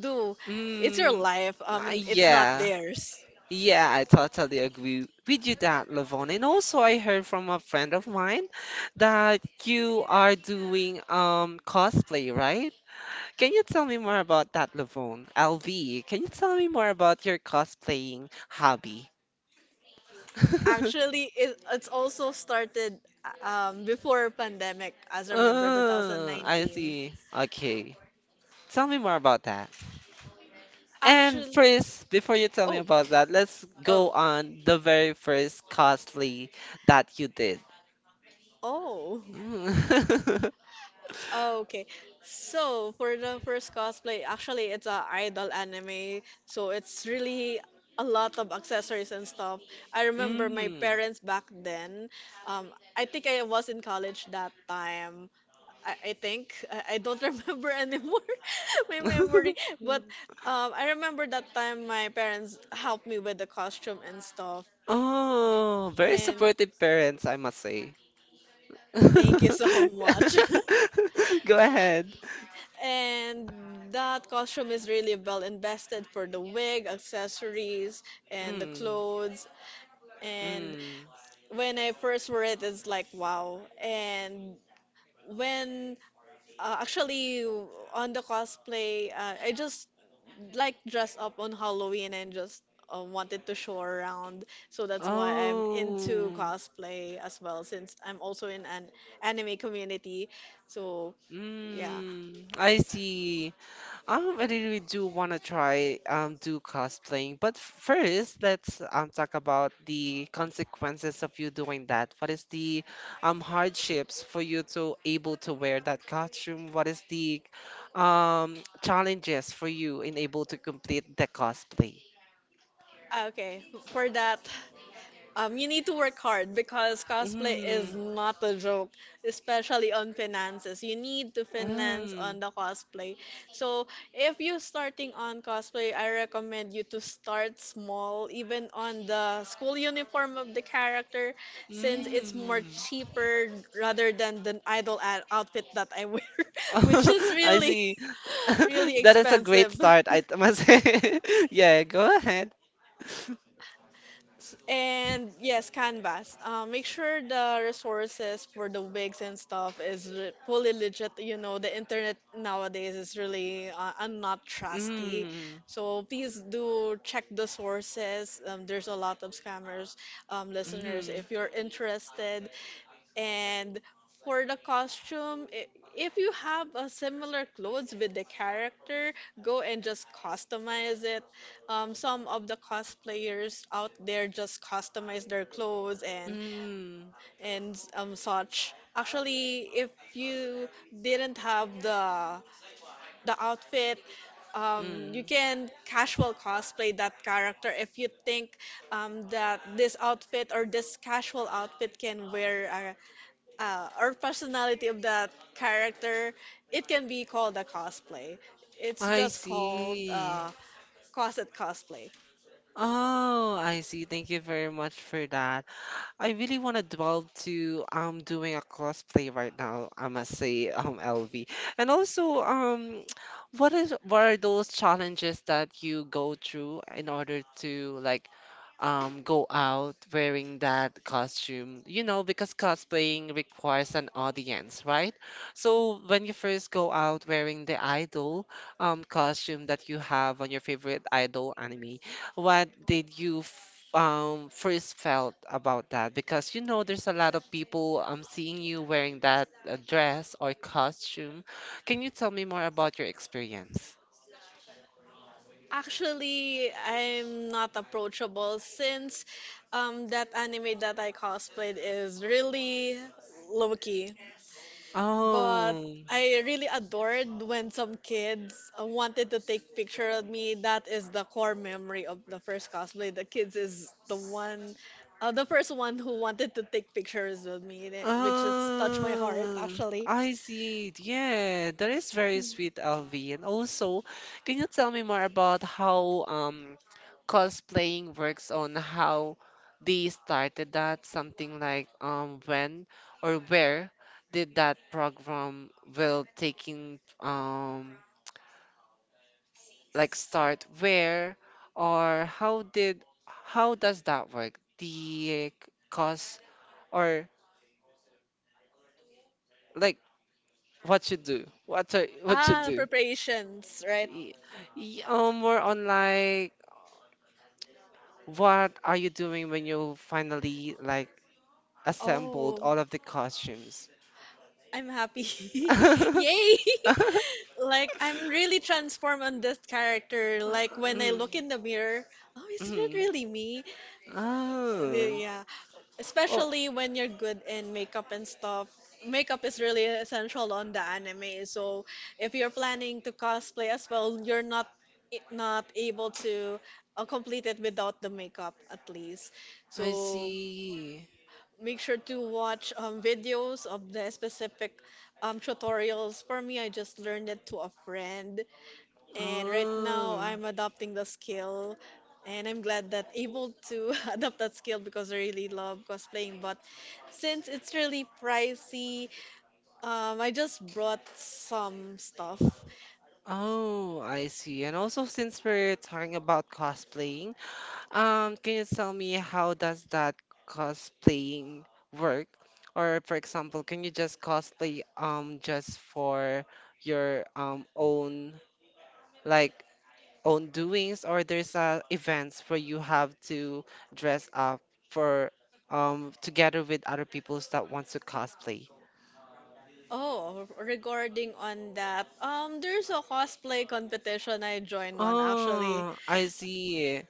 B: do. It's your
A: Mm.
B: life. Um,
A: Uh,
B: it's not
A: yeah,
B: theirs.
A: yeah, I totally agree with you that, Lavon. And also, I heard from a friend of mine that you are doing um cosplay, right? Can you tell me more about that, Lavone? L V, can you tell me more about your cosplaying hobby? [LAUGHS]
B: Actually, it, it's also started um, before pandemic, as I remember,
A: Oh, I
B: two thousand nineteen.
A: see. Okay. Tell me more about that. And
B: Actually,
A: first, before you tell me
B: oh,
A: about that, let's
B: oh,
A: go on the very first cosplay that you did.
B: oh. [LAUGHS]
A: Mm.
B: Oh, okay, so for the first cosplay, actually it's a idol anime, so it's really a lot of accessories and stuff. I
A: [LAUGHS]
B: remember my
A: Mm.
B: parents back then. Um, I think I was in college that time. I, I think [LAUGHS] I, I don't [LAUGHS] remember anymore [LAUGHS] my memory, but
A: [LAUGHS]
B: um, I remember that time my parents helped me with the costume and stuff.
A: Oh, very
B: And
A: supportive parents, I must say. [LAUGHS]
B: thank you
A: Go
B: so much. [LAUGHS]
A: ahead.
B: And that costume is really well invested for the wig, accessories, and the
A: Mm.
B: clothes. And
A: Mm.
B: when I first wore it, it's like wow. And when uh, actually on the cosplay, uh, I just like dress up on Halloween and just uh, wanted to show around. So that's why I'm into
A: Oh.
B: cosplay as well, since I'm also in an anime community. So yeah.
A: Mm. I see. Um, I really do want to try um do cosplaying, but first let's um talk about the consequences of you doing that. What is the um hardships for you to able to wear that costume? What is the um challenges for you in able to complete the cosplay?
B: Okay, for that. Um, you need to work hard because cosplay is
A: Mm.
B: not a joke, especially on finances. You need to finance
A: Mm.
B: on the cosplay. So if you're starting on cosplay, I recommend you to start small, even on the school uniform of the character, since it's more
A: Mm.
B: cheaper rather than the idol ad- outfit that I wear, [LAUGHS] which is
A: [LAUGHS] I
B: really,
A: see.
B: [LAUGHS]
A: [LAUGHS]
B: really
A: That is a great
B: expensive. [LAUGHS]
A: start, I must say. [LAUGHS] Yeah, go ahead.
B: And yes, canvas. Uh, make sure the resources for the wigs and stuff is re- fully legit. You know, the internet nowadays is really uh, I not trusty.
A: Mm.
B: So please do check the sources. Um, there's a lot of scammers, um, listeners.
A: Mm.
B: If you're interested, and for the costume, i- if you have a similar clothes with the character, go and just customize it. Um, some of the cosplayers out there just customize their clothes and
A: Mm.
B: and um such. Actually, if you didn't have the the outfit, um, you
A: Mm.
B: can casual cosplay that character if you think um, that this outfit or this casual outfit can wear uh, or personality of that character, it can be called a cosplay. It's
A: I
B: just called
A: see.
B: uh, closet cosplay.
A: Oh, I see. Thank you very much for that. I really want to delve to um doing a cosplay right now, I must say, um L V. And also, um [TSK] what is what are those challenges that you go through in order to like um go out wearing that costume? You know, because cosplaying requires an audience, right? So when you first go out wearing the idol um costume that you have on your favorite idol anime, what did you f- um first felt about that? Because you know there's a lot of people um seeing you wearing that uh, dress or costume. Can you tell me more about your experience?
B: Actually, I'm not approachable since um, that anime that I cosplayed is really low key. But
A: Oh.
B: I really adored when some kids uh, wanted to take picture of me. That is the core memory of the first cosplay. The kids is the one, uh, the first one who wanted to take pictures with me, and it- which is touched my heart
A: Ah,
B: actually.
A: I see. Yeah, that is very sweet, L V. And also, can you tell me more about how um cosplaying works on how they started that? Something like um when or where did that program will taking um like start, where or how did how does that work? The eh, cos or like What you do? What are, what you
B: Ah,
A: do?
B: preparations, right?
A: Y- y- uh, More on like what are you doing when you finally like assembled
B: Oh,
A: all of the costumes?
B: I'm happy. [LAUGHS] Yay!
A: [LAUGHS]
B: [LAUGHS] Like I'm really transformed on this character. Like when I
A: Mm.
B: look in the mirror, oh, is it
A: Hmm.
B: really me? the-
A: Oh.
B: Yeah,
A: Oh,
B: especially when you're good in makeup and stuff. Makeup is really essential on the anime. So if you're planning to cosplay as well, you're not not able to uh, complete it without the makeup at least.
A: I
B: So
A: see.
B: make sure to watch um, videos of the specific um, tutorials. For me, I just learned it to a friend, and right now,
A: Oh.
B: I'm adopting the skill, and I'm glad that able to [LAUGHS] adopt that skill because I really love cosplaying. But since it's really pricey, um, I just brought some stuff.
A: Oh, I see. And also since we're talking about cosplaying, Um, can you tell me how does that cosplaying work? Or for example, can you just cosplay um just for your um own like own doings, or there's uh events where you have to dress up for um together with other peoples that want to cosplay?
B: Oh, regarding on that, um, there's a cosplay competition I joined one actually
A: Oh, I see.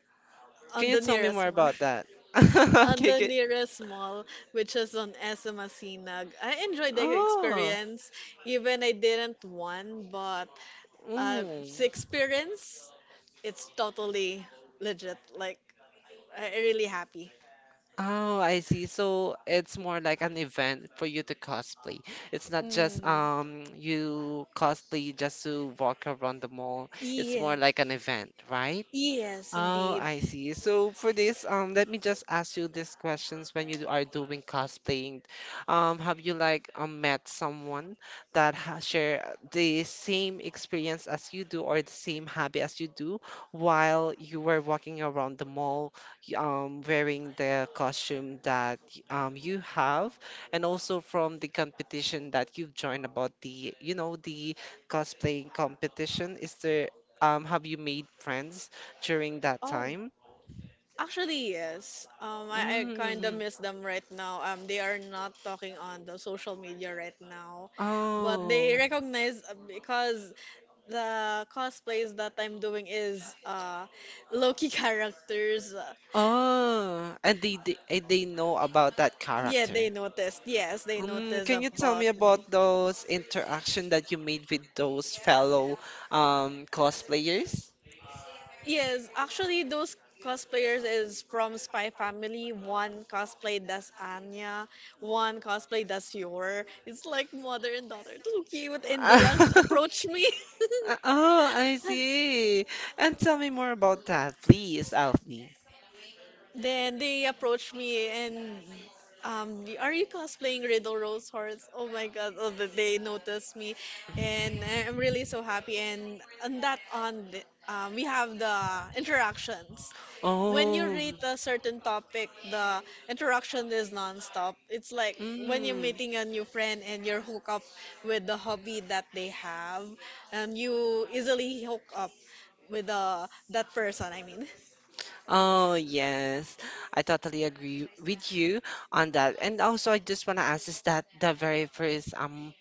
B: on
A: Can
B: the
A: you tell me
B: nearest
A: more
B: mall,
A: about that? [LAUGHS]
B: [LAUGHS] on
A: Okay,
B: the
A: okay.
B: nearest mall, which is on S M Asinag. I enjoyed the
A: Oh.
B: experience, even I didn't won, but Uh, so
A: Mm.
B: experience, it's totally legit. Like, I- I really happy.
A: Oh, I see. So it's more like an event for you to cosplay. It's not just
B: Mm.
A: um you cosplay just to walk around the mall. It's
B: Yeah.
A: more like an event, right?
B: Yes,
A: Oh,
B: indeed.
A: I see. So for this, um, let me just ask you these questions when you are doing cosplaying. Um, have you like um, met someone that ha share the same experience as you do or the same hobby as you do, while you were walking around the mall, y- um, wearing the costume that y- um, you have, and also from the competition that you've joined, about, the, you know, the cosplaying competition? Is there, um, have you made friends during that
B: Oh,
A: time?
B: actually, yes. Um, I, I kind
A: Mm.
B: of miss them right now. Um, they are not talking on the social media right now, but
A: Oh.
B: they recognize uh, because the cosplays that I'm doing is uh, Loki [LAUGHS] characters. Uh,
A: Oh. And they, they and they know about that
B: Yeah,
A: character.
B: they noticed. Yes, they
A: Mm,
B: noticed
A: can you tell me
B: about me.
A: about those interaction that you made with those fellow um cosplayers?
B: Yes, actually, those cosplayers is from Spy Family. One cosplay does Anya, one cosplay does Yor. It's like mother and daughter. Too cute, and they
A: [LAUGHS]
B: approach me. [LAUGHS]
A: Oh, I see. And tell me more about that, please, Alfie.
B: Then they approached me and um, "Y- are you cosplaying Riddle Rose Horse? Oh my God! Oh, that they noticed me, and I- I'm really so happy. And on that on, the- um, we have the interactions. When you
A: Oh.
B: rate a certain topic, the interaction is nonstop. It's like when you're
A: Mm.
B: meeting a new friend and you hook up with the hobby that they have, and you easily hook up with uh, that person. I mean.
A: Oh, yes. I totally agree with you on that. And also, I just want to ask, is that the very first um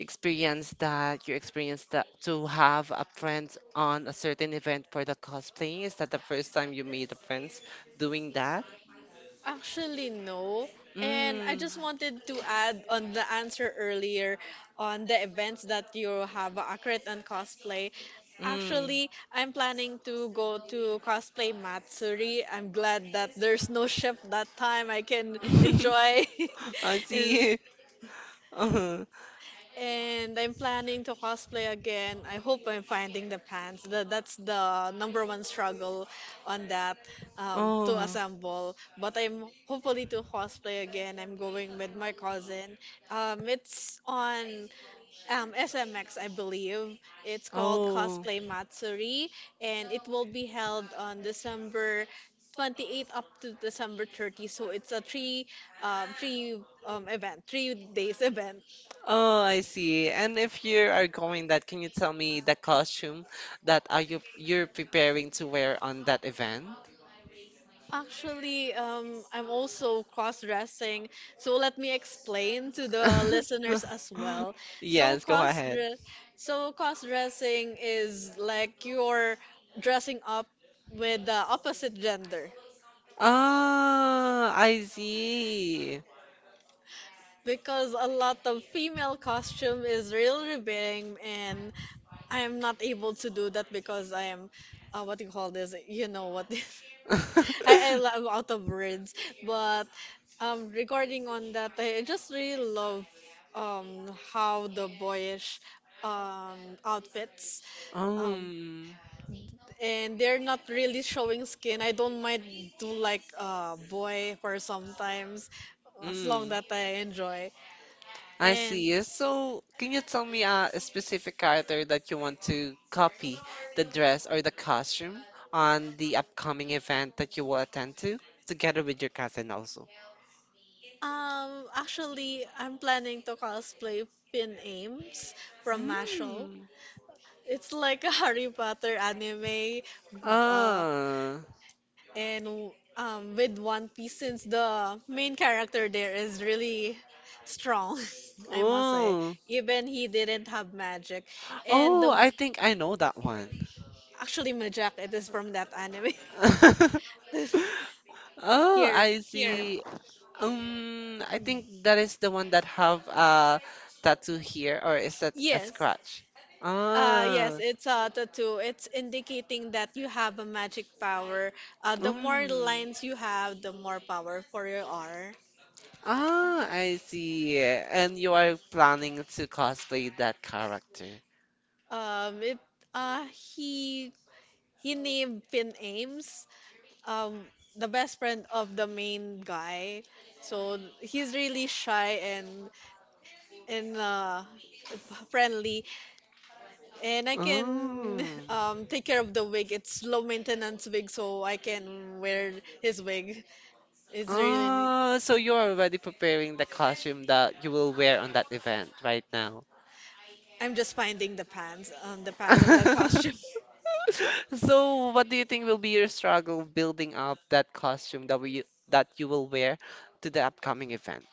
A: experience that you experienced, that to have a friend on a certain event for the cosplaying? Is that the first time you made a friend doing that?
B: Actually, no. And I
A: Mm.
B: just wanted to add on the answer earlier on the events that you have accurate and cosplay.
A: Mm.
B: Actually, I'm planning to go to cosplay Matsuri. I'm glad that there's no shift that time. I can enjoy.
A: [LAUGHS] I
B: [LAUGHS] And
A: see. [LAUGHS] Uh-huh.
B: and I'm planning to cosplay again. I hope I'm finding the pants. The, that's the number one struggle on that um, to
A: Oh.
B: assemble. But I'm hopefully to cosplay again. I'm going with my cousin. Um, it's on um, S M X, I believe. It's called
A: Oh.
B: Cosplay Matsuri, and it will be held on December twenty-eighth up to December thirty. So it's a three, um, three um, event, three days [LAUGHS] event.
A: Oh, I see. And if you are going that, can you tell me the costume that are you you're preparing to wear on that event?
B: Actually, um, I'm also cross-dressing, so let me explain to the listeners
A: [LAUGHS]
B: as well. So
A: Yes, go
B: cross
A: ahead.
B: so cross-dressing is like you're dressing up with the opposite gender
A: Ah, I see.
B: because a lot of female costume is real revealing, and I am not able to do that because I am, uh, what do you call this? You know what this? I, I lo-
A: [LAUGHS]
B: I'm out of words. But um, regarding on that, I just really love um how the boyish um outfits um
A: Um,
B: and they're not really showing skin. I don't mind do like uh boy for sometimes as long
A: mm.
B: that I enjoy.
A: I
B: And
A: see. So, can you tell me uh, a specific character that you want to copy, the dress or the costume on the upcoming event that you will attend to, together with your cousin also?
B: um actually I'm planning to cosplay Finn Ames from Mashal.
A: Mm.
B: It's like a [LAUGHS] Harry Potter anime. Uh,
A: Ah.
B: and um, with One Piece, since the main character there is really strong, [LAUGHS] I must say.
A: Oh.
B: Even he didn't have magic, and
A: Oh,
B: the
A: I think I know that one.
B: actually magic it is from that anime.
A: [LAUGHS]
B: [LAUGHS]
A: Oh,
B: Here,
A: I
B: here,
A: see. Um, I think that is the one that have a tattoo here, or is that a
B: yes.
A: scratch?
B: Uh,
A: Ah.
B: yes, it's a tattoo. It's indicating that you have a magic power. Uh, the more
A: Mm.
B: lines you have, the more powerful you are.
A: Ah, I see. And you are planning to cosplay that character.
B: Um, it uh, he he named Finn Ames um the best friend of the main guy. So he's really shy and and uh friendly and I can
A: Oh.
B: um take care of the wig. It's low maintenance wig so I can wear his wig. It's really
A: Oh, so you're already preparing the costume that you will wear on that event right now.
B: I'm just finding the pants, um, the pants of that costume.
A: [LAUGHS]
B: [LAUGHS]
A: So, what do you think will be your struggle building up that costume that we that you will wear to the upcoming event?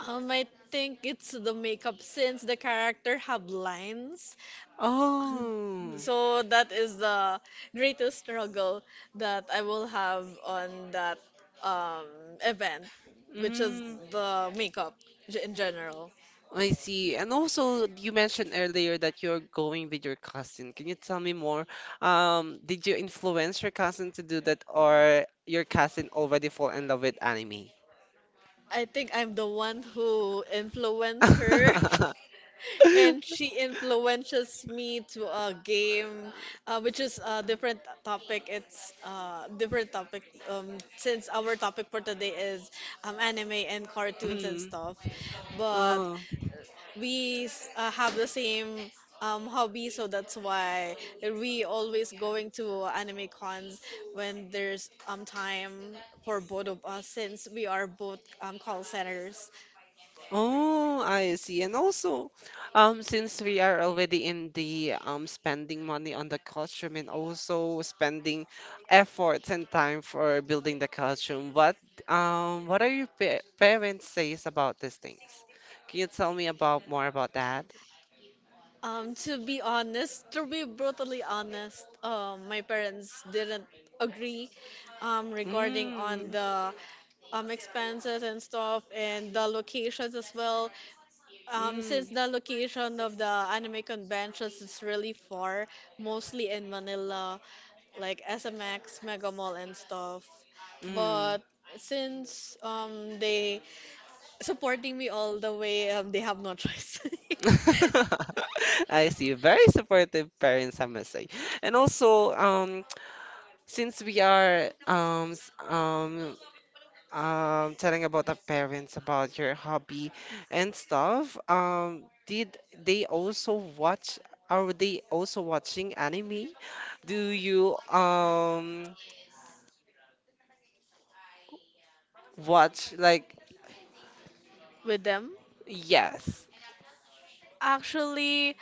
B: Um, I think it's the makeup since the character have lines.
A: Oh.
B: So that is the greatest struggle that I will have on that um, event, which is
A: Mm.
B: the makeup g- in general.
A: I see. And also, you mentioned earlier that you're going with your cousin. Can you tell me more? Um, did you influence your cousin to do that, or your cousin already fall in love with anime?
B: I think I'm the one who influenced her,
A: [LAUGHS]
B: [LAUGHS] and she influences me to a game, uh, which is a different topic. It's uh, different topic um, since our topic for today is um, anime and cartoons and
A: Mm.
B: stuff. But
A: Oh,
B: we s- uh, have the same um, hobby, so that's why we always going to anime cons when there's um time for both of us since we are both um, call centers.
A: oh, I see. And also, um, since we are already in the um spending money on the costume and also spending efforts and time for building the costume, what um what are your pa parents says about these things? Can you tell me about more about that?
B: Um, to be honest, to be brutally honest, um, my parents didn't agree um, regarding on
A: Mm.
B: the um, expenses and stuff and the locations as well. Um,
A: Mm.
B: since the location of the anime conventions is really far, mostly in Manila, like S M X, Mega Mall, and stuff.
A: Mm.
B: But since um, they supporting me all the way, um, they have no choice
A: [LAUGHS] I see. Very supportive parents, I must say. And also, um, since we are um s- um um telling about the parents about your hobby and stuff, um, did they also watch? Are they also watching anime? Do you um watch like
B: [LAUGHS] with them.
A: yes?
B: Actually,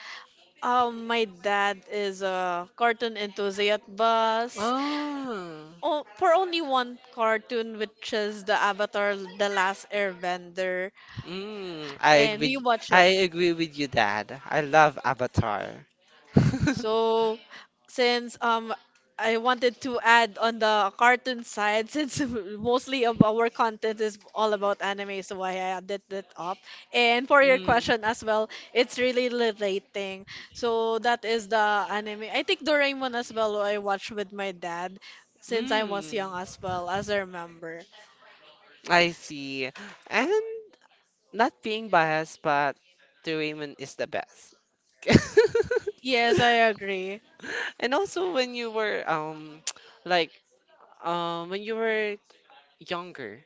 B: um, my dad is a cartoon enthusiast, but
A: Oh.
B: oh, for only one cartoon, which is the Avatar: The Last Airbender,
A: Mm, I
B: and we
A: agree.
B: watch
A: I
B: it.
A: agree with you, Dad. I love Avatar. [LAUGHS]
B: So, since um I wanted to add on the cartoon side, [LAUGHS] since mostly of our content is all about anime, so I added that up. And for your
A: Mm.
B: question as well, it's really relating. So that is the anime. I think Doraemon as well I watched with my dad since I was young
A: Mm.
B: as well, as I remember.
A: I see. And not being biased, but the ramen is the best. [LAUGHS]
B: Yes, I agree.
A: And also when you were um [TSK] like um when you were younger,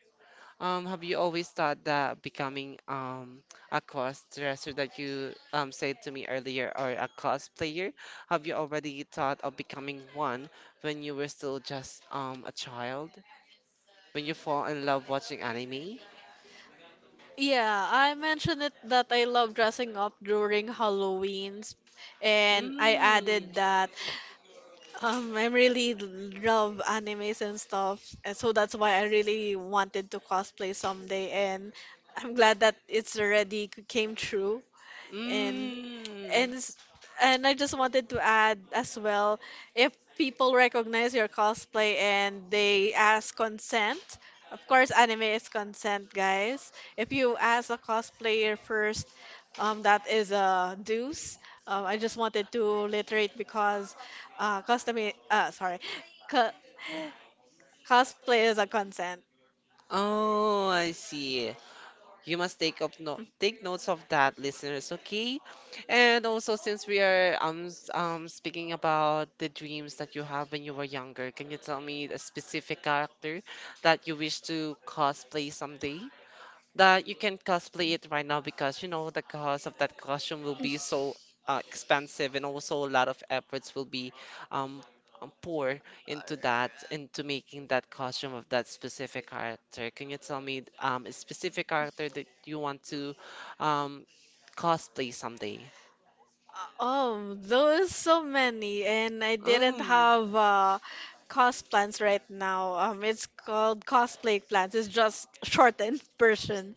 A: um have you always thought that becoming um a cosplayer that you um said to me earlier, or a cosplayer, have you already thought of becoming one when you were still just um a child? When you fall in love watching anime?
B: Yeah, I mentioned it that I love dressing up during Halloween's, and I
A: Mm.
B: added that. Um, I really love animes and stuff, and so that's why I really wanted to cosplay someday, and I'm glad that it's already c- came true, and
A: Mm.
B: and s- and I just wanted to add as well, if people recognize your cosplay and they ask consent, of course anime is consent, guys. If you ask a cosplayer first, um, that is a deuce. Um, I just wanted to reiterate because uh, custom, uh, sorry, co- cosplay is a consent.
A: Oh, I see. You must take up no take notes of that, listeners, okay? And also, since we are um s- um speaking about the dreams that you have when you were younger, can you tell me a specific character that you wish to cosplay someday? That you can cosplay it right now, because you know the cost of that costume will be so uh, expensive, and also a lot of efforts will be um um, pour into that into making that costume of that specific character. Can you tell me um a specific character that you want to um cosplay someday?
B: Oh, there those so many, and I didn't
A: Mm.
B: have uh, cost plans right now. Um, it's called cosplay plans. It's just shortened [LAUGHS] version.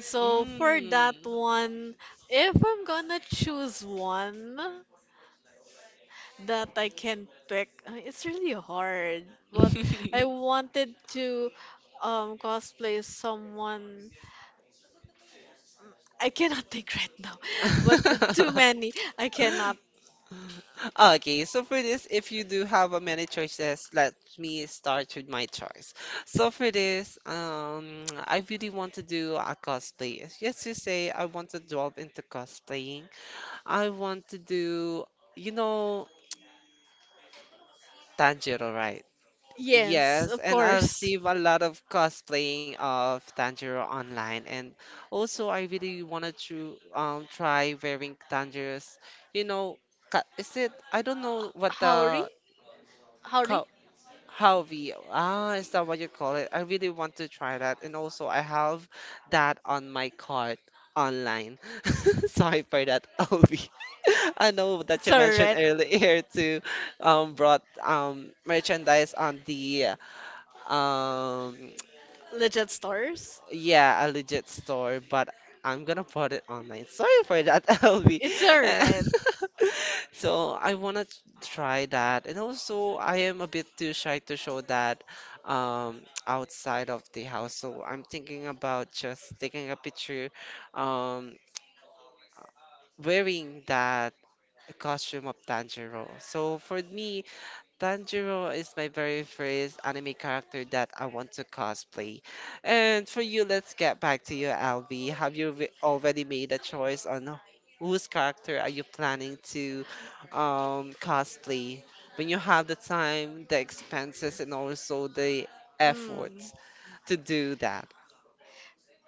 B: So for that one, if I'm gonna choose one that I can pick, uh, it's really hard. But I
A: Mm.
B: wanted to um cosplay someone. I cannot [LAUGHS] think right now, [LAUGHS] but the too many. I
A: [LAUGHS]
B: cannot.
A: Okay, so for this, if you do have a many choices, let me start with my choice. So for this, um, [TSK] I really want to do a cosplay. As yes, you say, I want to delve into cosplaying. I want to do, you know, Tanjiro, right?
B: Yes,
A: Yes,
B: of
A: and I
B: course.
A: receive a lot of cosplaying of Tanjiro online, and also I really wanted to um try wearing Tanjiro's, you know, ca- is it? I don't know what
B: Howdy,
A: the
B: howdy.
A: Halvi. Ah, is that what you call it? I really want to try that. And also, I have that on my cart online. [LAUGHS] Sorry for that, Alvi. [LAUGHS] I know that
B: It's
A: you
B: a
A: mentioned
B: red
A: earlier to um brought um merchandise on the um
B: legit stars.
A: yeah, a legit store, but I'm gonna put it online. [LAUGHS] Sorry for that, [LAUGHS] L B.
B: It's a red.
A: [LAUGHS] So I wanna t- try that, and also I am a bit too shy to show that um, [TSK] outside of the house. So I'm thinking about just taking a picture, um, wearing that costume of Tanjiro. So for me, Tanjiro is my very first anime character that I want to cosplay. And for you, let's get back to you, Alvi. Have you re- already made a choice on whose character are you planning to um, cosplay? When you have the time, the expenses, and also the
B: Mm.
A: efforts to do that.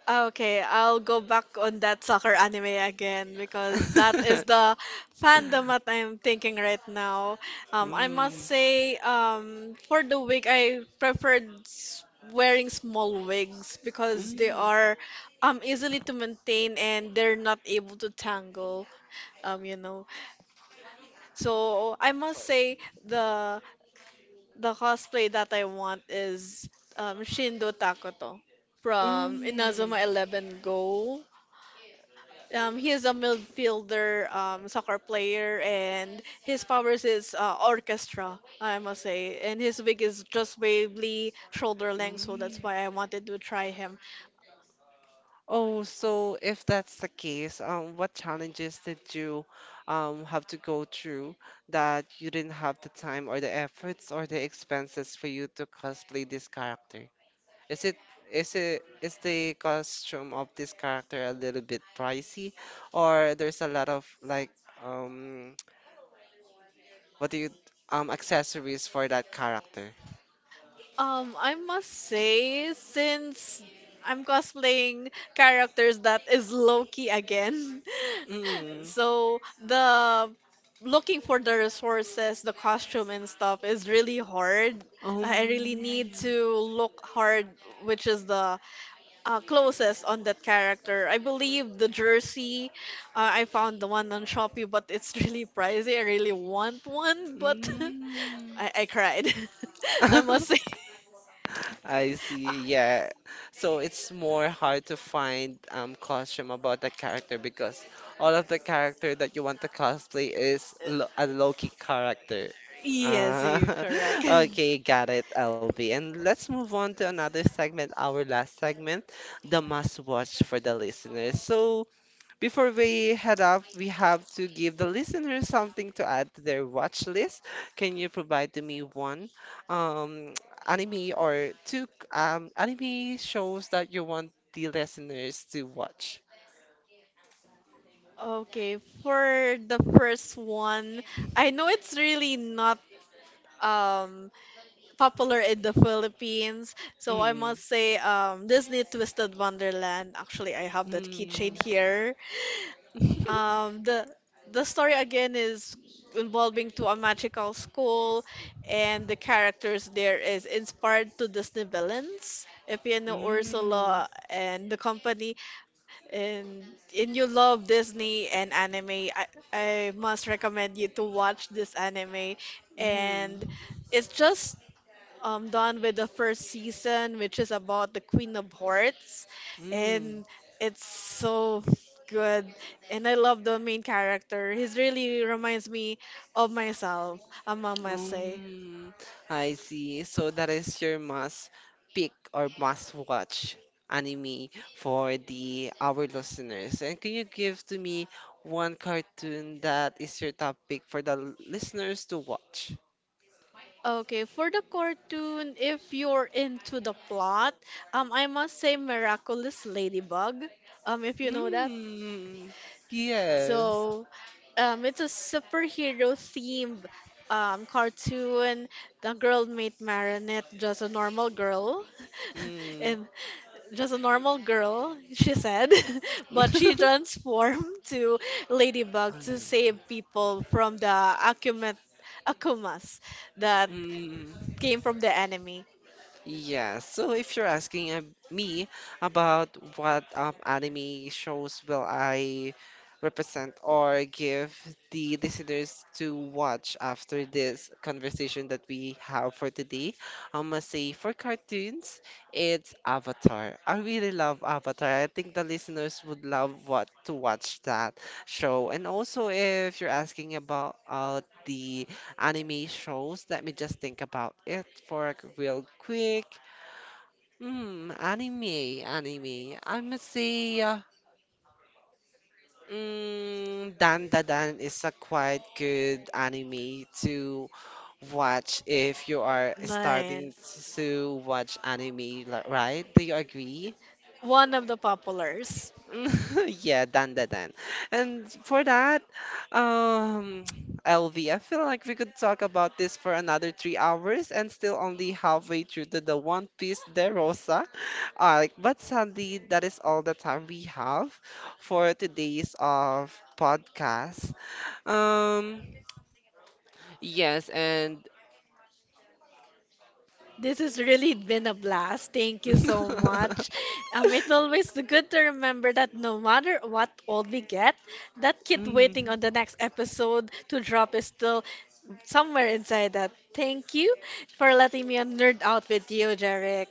B: Okay, I'll go back on that soccer anime again because that is
A: [LAUGHS]
B: the fandom that I'm thinking right now. Um, I must
A: Mm,
B: say, um, for the wig, I preferred s- wearing small wigs because they
A: mm,
B: are um easily to maintain and they're not able to tangle. Um, you know. So I must say the The cosplay that I want is um, Shindo Takoto from
A: mm,
B: Inazuma Eleven Go. Um, he is a midfielder um, soccer player, and his powers is uh, orchestra, I must say. And his wig is just barely shoulder length, so that's
A: mm.
B: why I wanted to try him.
A: Oh, so if that's the case, um, what challenges did you um, have to go through that you didn't have the time or the efforts or the expenses for you to cosplay this character? Is it is it is the costume of this character a little bit pricey, or there's a lot of like um [TSK] what do you um accessories for that character?
B: Um, I must say, since I'm cosplaying characters that is Loki again, [LAUGHS]
A: Mm.
B: so the looking for the resources, the costume and stuff is really hard.
A: Um.
B: I really need to look hard, which is the uh, closest on that character. I believe the jersey, uh, I found the one on Shopee, but it's [LAUGHS] really pricey. I really want one, but [LAUGHS]
A: Mm.
B: I, I cried. [LAUGHS] I must say.
A: [LAUGHS] I see,
B: Ah,
A: yeah. So it's more hard to find um costume about the character because all of the character that you want to cosplay is lo a low-key character.
B: yes,
A: Uh,
B: you're correct.
A: [LAUGHS]
B: [LAUGHS]
A: okay, got it, L B. And let's move on to another segment, our last segment, the must watch for the listeners. So before we head up, we have to give the listeners something to add to their watch list. Can you provide to me one um, [TSK] anime or two um, anime shows that you want the listeners to watch?
B: Okay, for the first one, I know it's really not um popular in the Philippines. So I
A: Mm,
B: must say um Disney Twisted Wonderland. Actually, I have that keychain
A: mm,
B: here.
A: [LAUGHS]
B: Um the the story again is involving to a magical school and the characters there is inspired to Disney villains. If you know
A: mm,
B: Ursula and the company and and you love Disney and anime, I, I must recommend you to watch this anime
A: mm,
B: and it's just um, done with the first season, which is about the Queen of Hearts,
A: mm.
B: and it's so good. And I love the main character. He really reminds me of myself, I must say.
A: Mm, I see. So that is your must pick or must watch anime for the our listeners. And can you give to me one cartoon that is your top pick for the l- listeners to watch?
B: Okay, for the cartoon, if you're into the plot, um, I must say Miraculous Ladybug. Um, if you know that.
A: Mm, yes.
B: So, um, it's a superhero themed um, cartoon. The girl made Marinette just a normal girl, [LAUGHS]
A: Mm.
B: and just a normal girl, she said, [LAUGHS] but she
A: [LAUGHS]
B: transformed [LAUGHS] to
A: I
B: Ladybug to
A: know.
B: save people from the Akuma, Akumas that
A: Mm.
B: came from the enemy.
A: Yeah, so if you're asking uh, me about what um, anime shows will I represent or give the listeners to watch after this conversation that we have for today, I must say for cartoons, it's Avatar. I really love Avatar. I think the listeners would love what to watch that show. And also, if you're asking about uh, the anime shows. Let me just think about it for a real quick. Hmm, anime, anime. I must say, uh, mm, Dan Da Dan is a quite good anime to watch if you are starting
B: Nice.
A: to watch anime, li- right? Do you agree?
B: One of the populars.
A: [LAUGHS] Yeah, done that then. And for that, um, [TSK] L V, I feel like we could talk about this for another three hours and still only halfway through to the One Piece De Rosa arc. But sadly, that is all the time we have for today's of podcast. Um, yes, and
B: This has really been a blast. Thank you so much.
A: [LAUGHS]
B: Um, it's always good to remember that no matter what old we get, that kid waiting
A: mhm.
B: on the next episode to drop is still somewhere inside that. Thank you for letting me a nerd out with you, Jarek.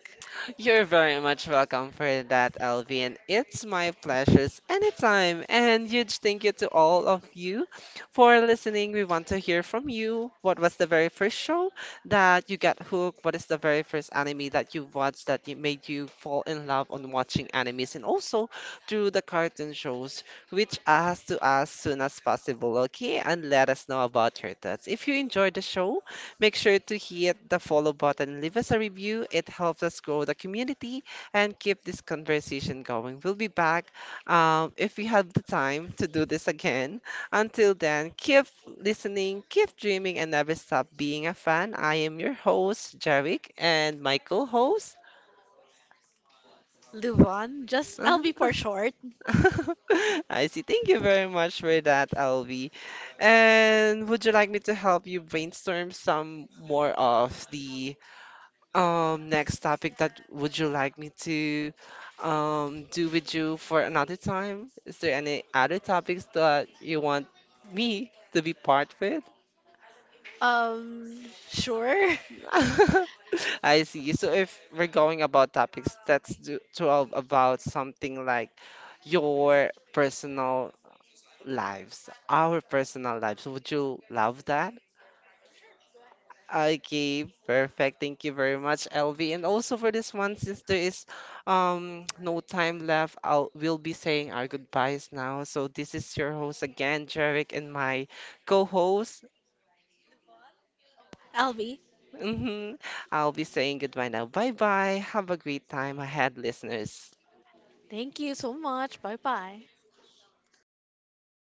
A: You're very much welcome for that, Alvin. It's my pleasures anytime. And huge thank you to all of you for listening. We want to hear from you. What was the very first show that you got hooked? What is the very first anime that you watched that you made you fall in love on watching animes? And also through the cartoon shows, reach us to us soon as possible, okay? And let us know about your thoughts. If you enjoyed the show, make sure to hit the follow button leave us a review. It helps us grow the community and keep this conversation going. We'll be back um, if we have the time to do this again. Until then, keep listening, keep dreaming, and never stop being a fan. I am your host, Jarvik, and my co host. [LAUGHS]
B: Luvon, just L B for short.
A: I see. Thank you very much for that, Alvi. And would you like me to help you brainstorm some more of the um next topic that would you like me to um do with you for another time? Is there any other topics that you want me to be part with?
B: Um, sure.
A: [LAUGHS] I see. So if we're going about topics, that's do to about something like your personal lives, our personal lives. Would you love that? Okay, perfect. Thank you very much, L V. And also for this one, since there is um [TSK] no time left, I'll we'll be saying our goodbyes now. So this is your host again, Jarek, and my co-host.
B: [LAUGHS] L B,
A: Hmm, I'll be saying goodbye now. Bye bye. Have a great time ahead, listeners.
B: thank you so much. Bye bye.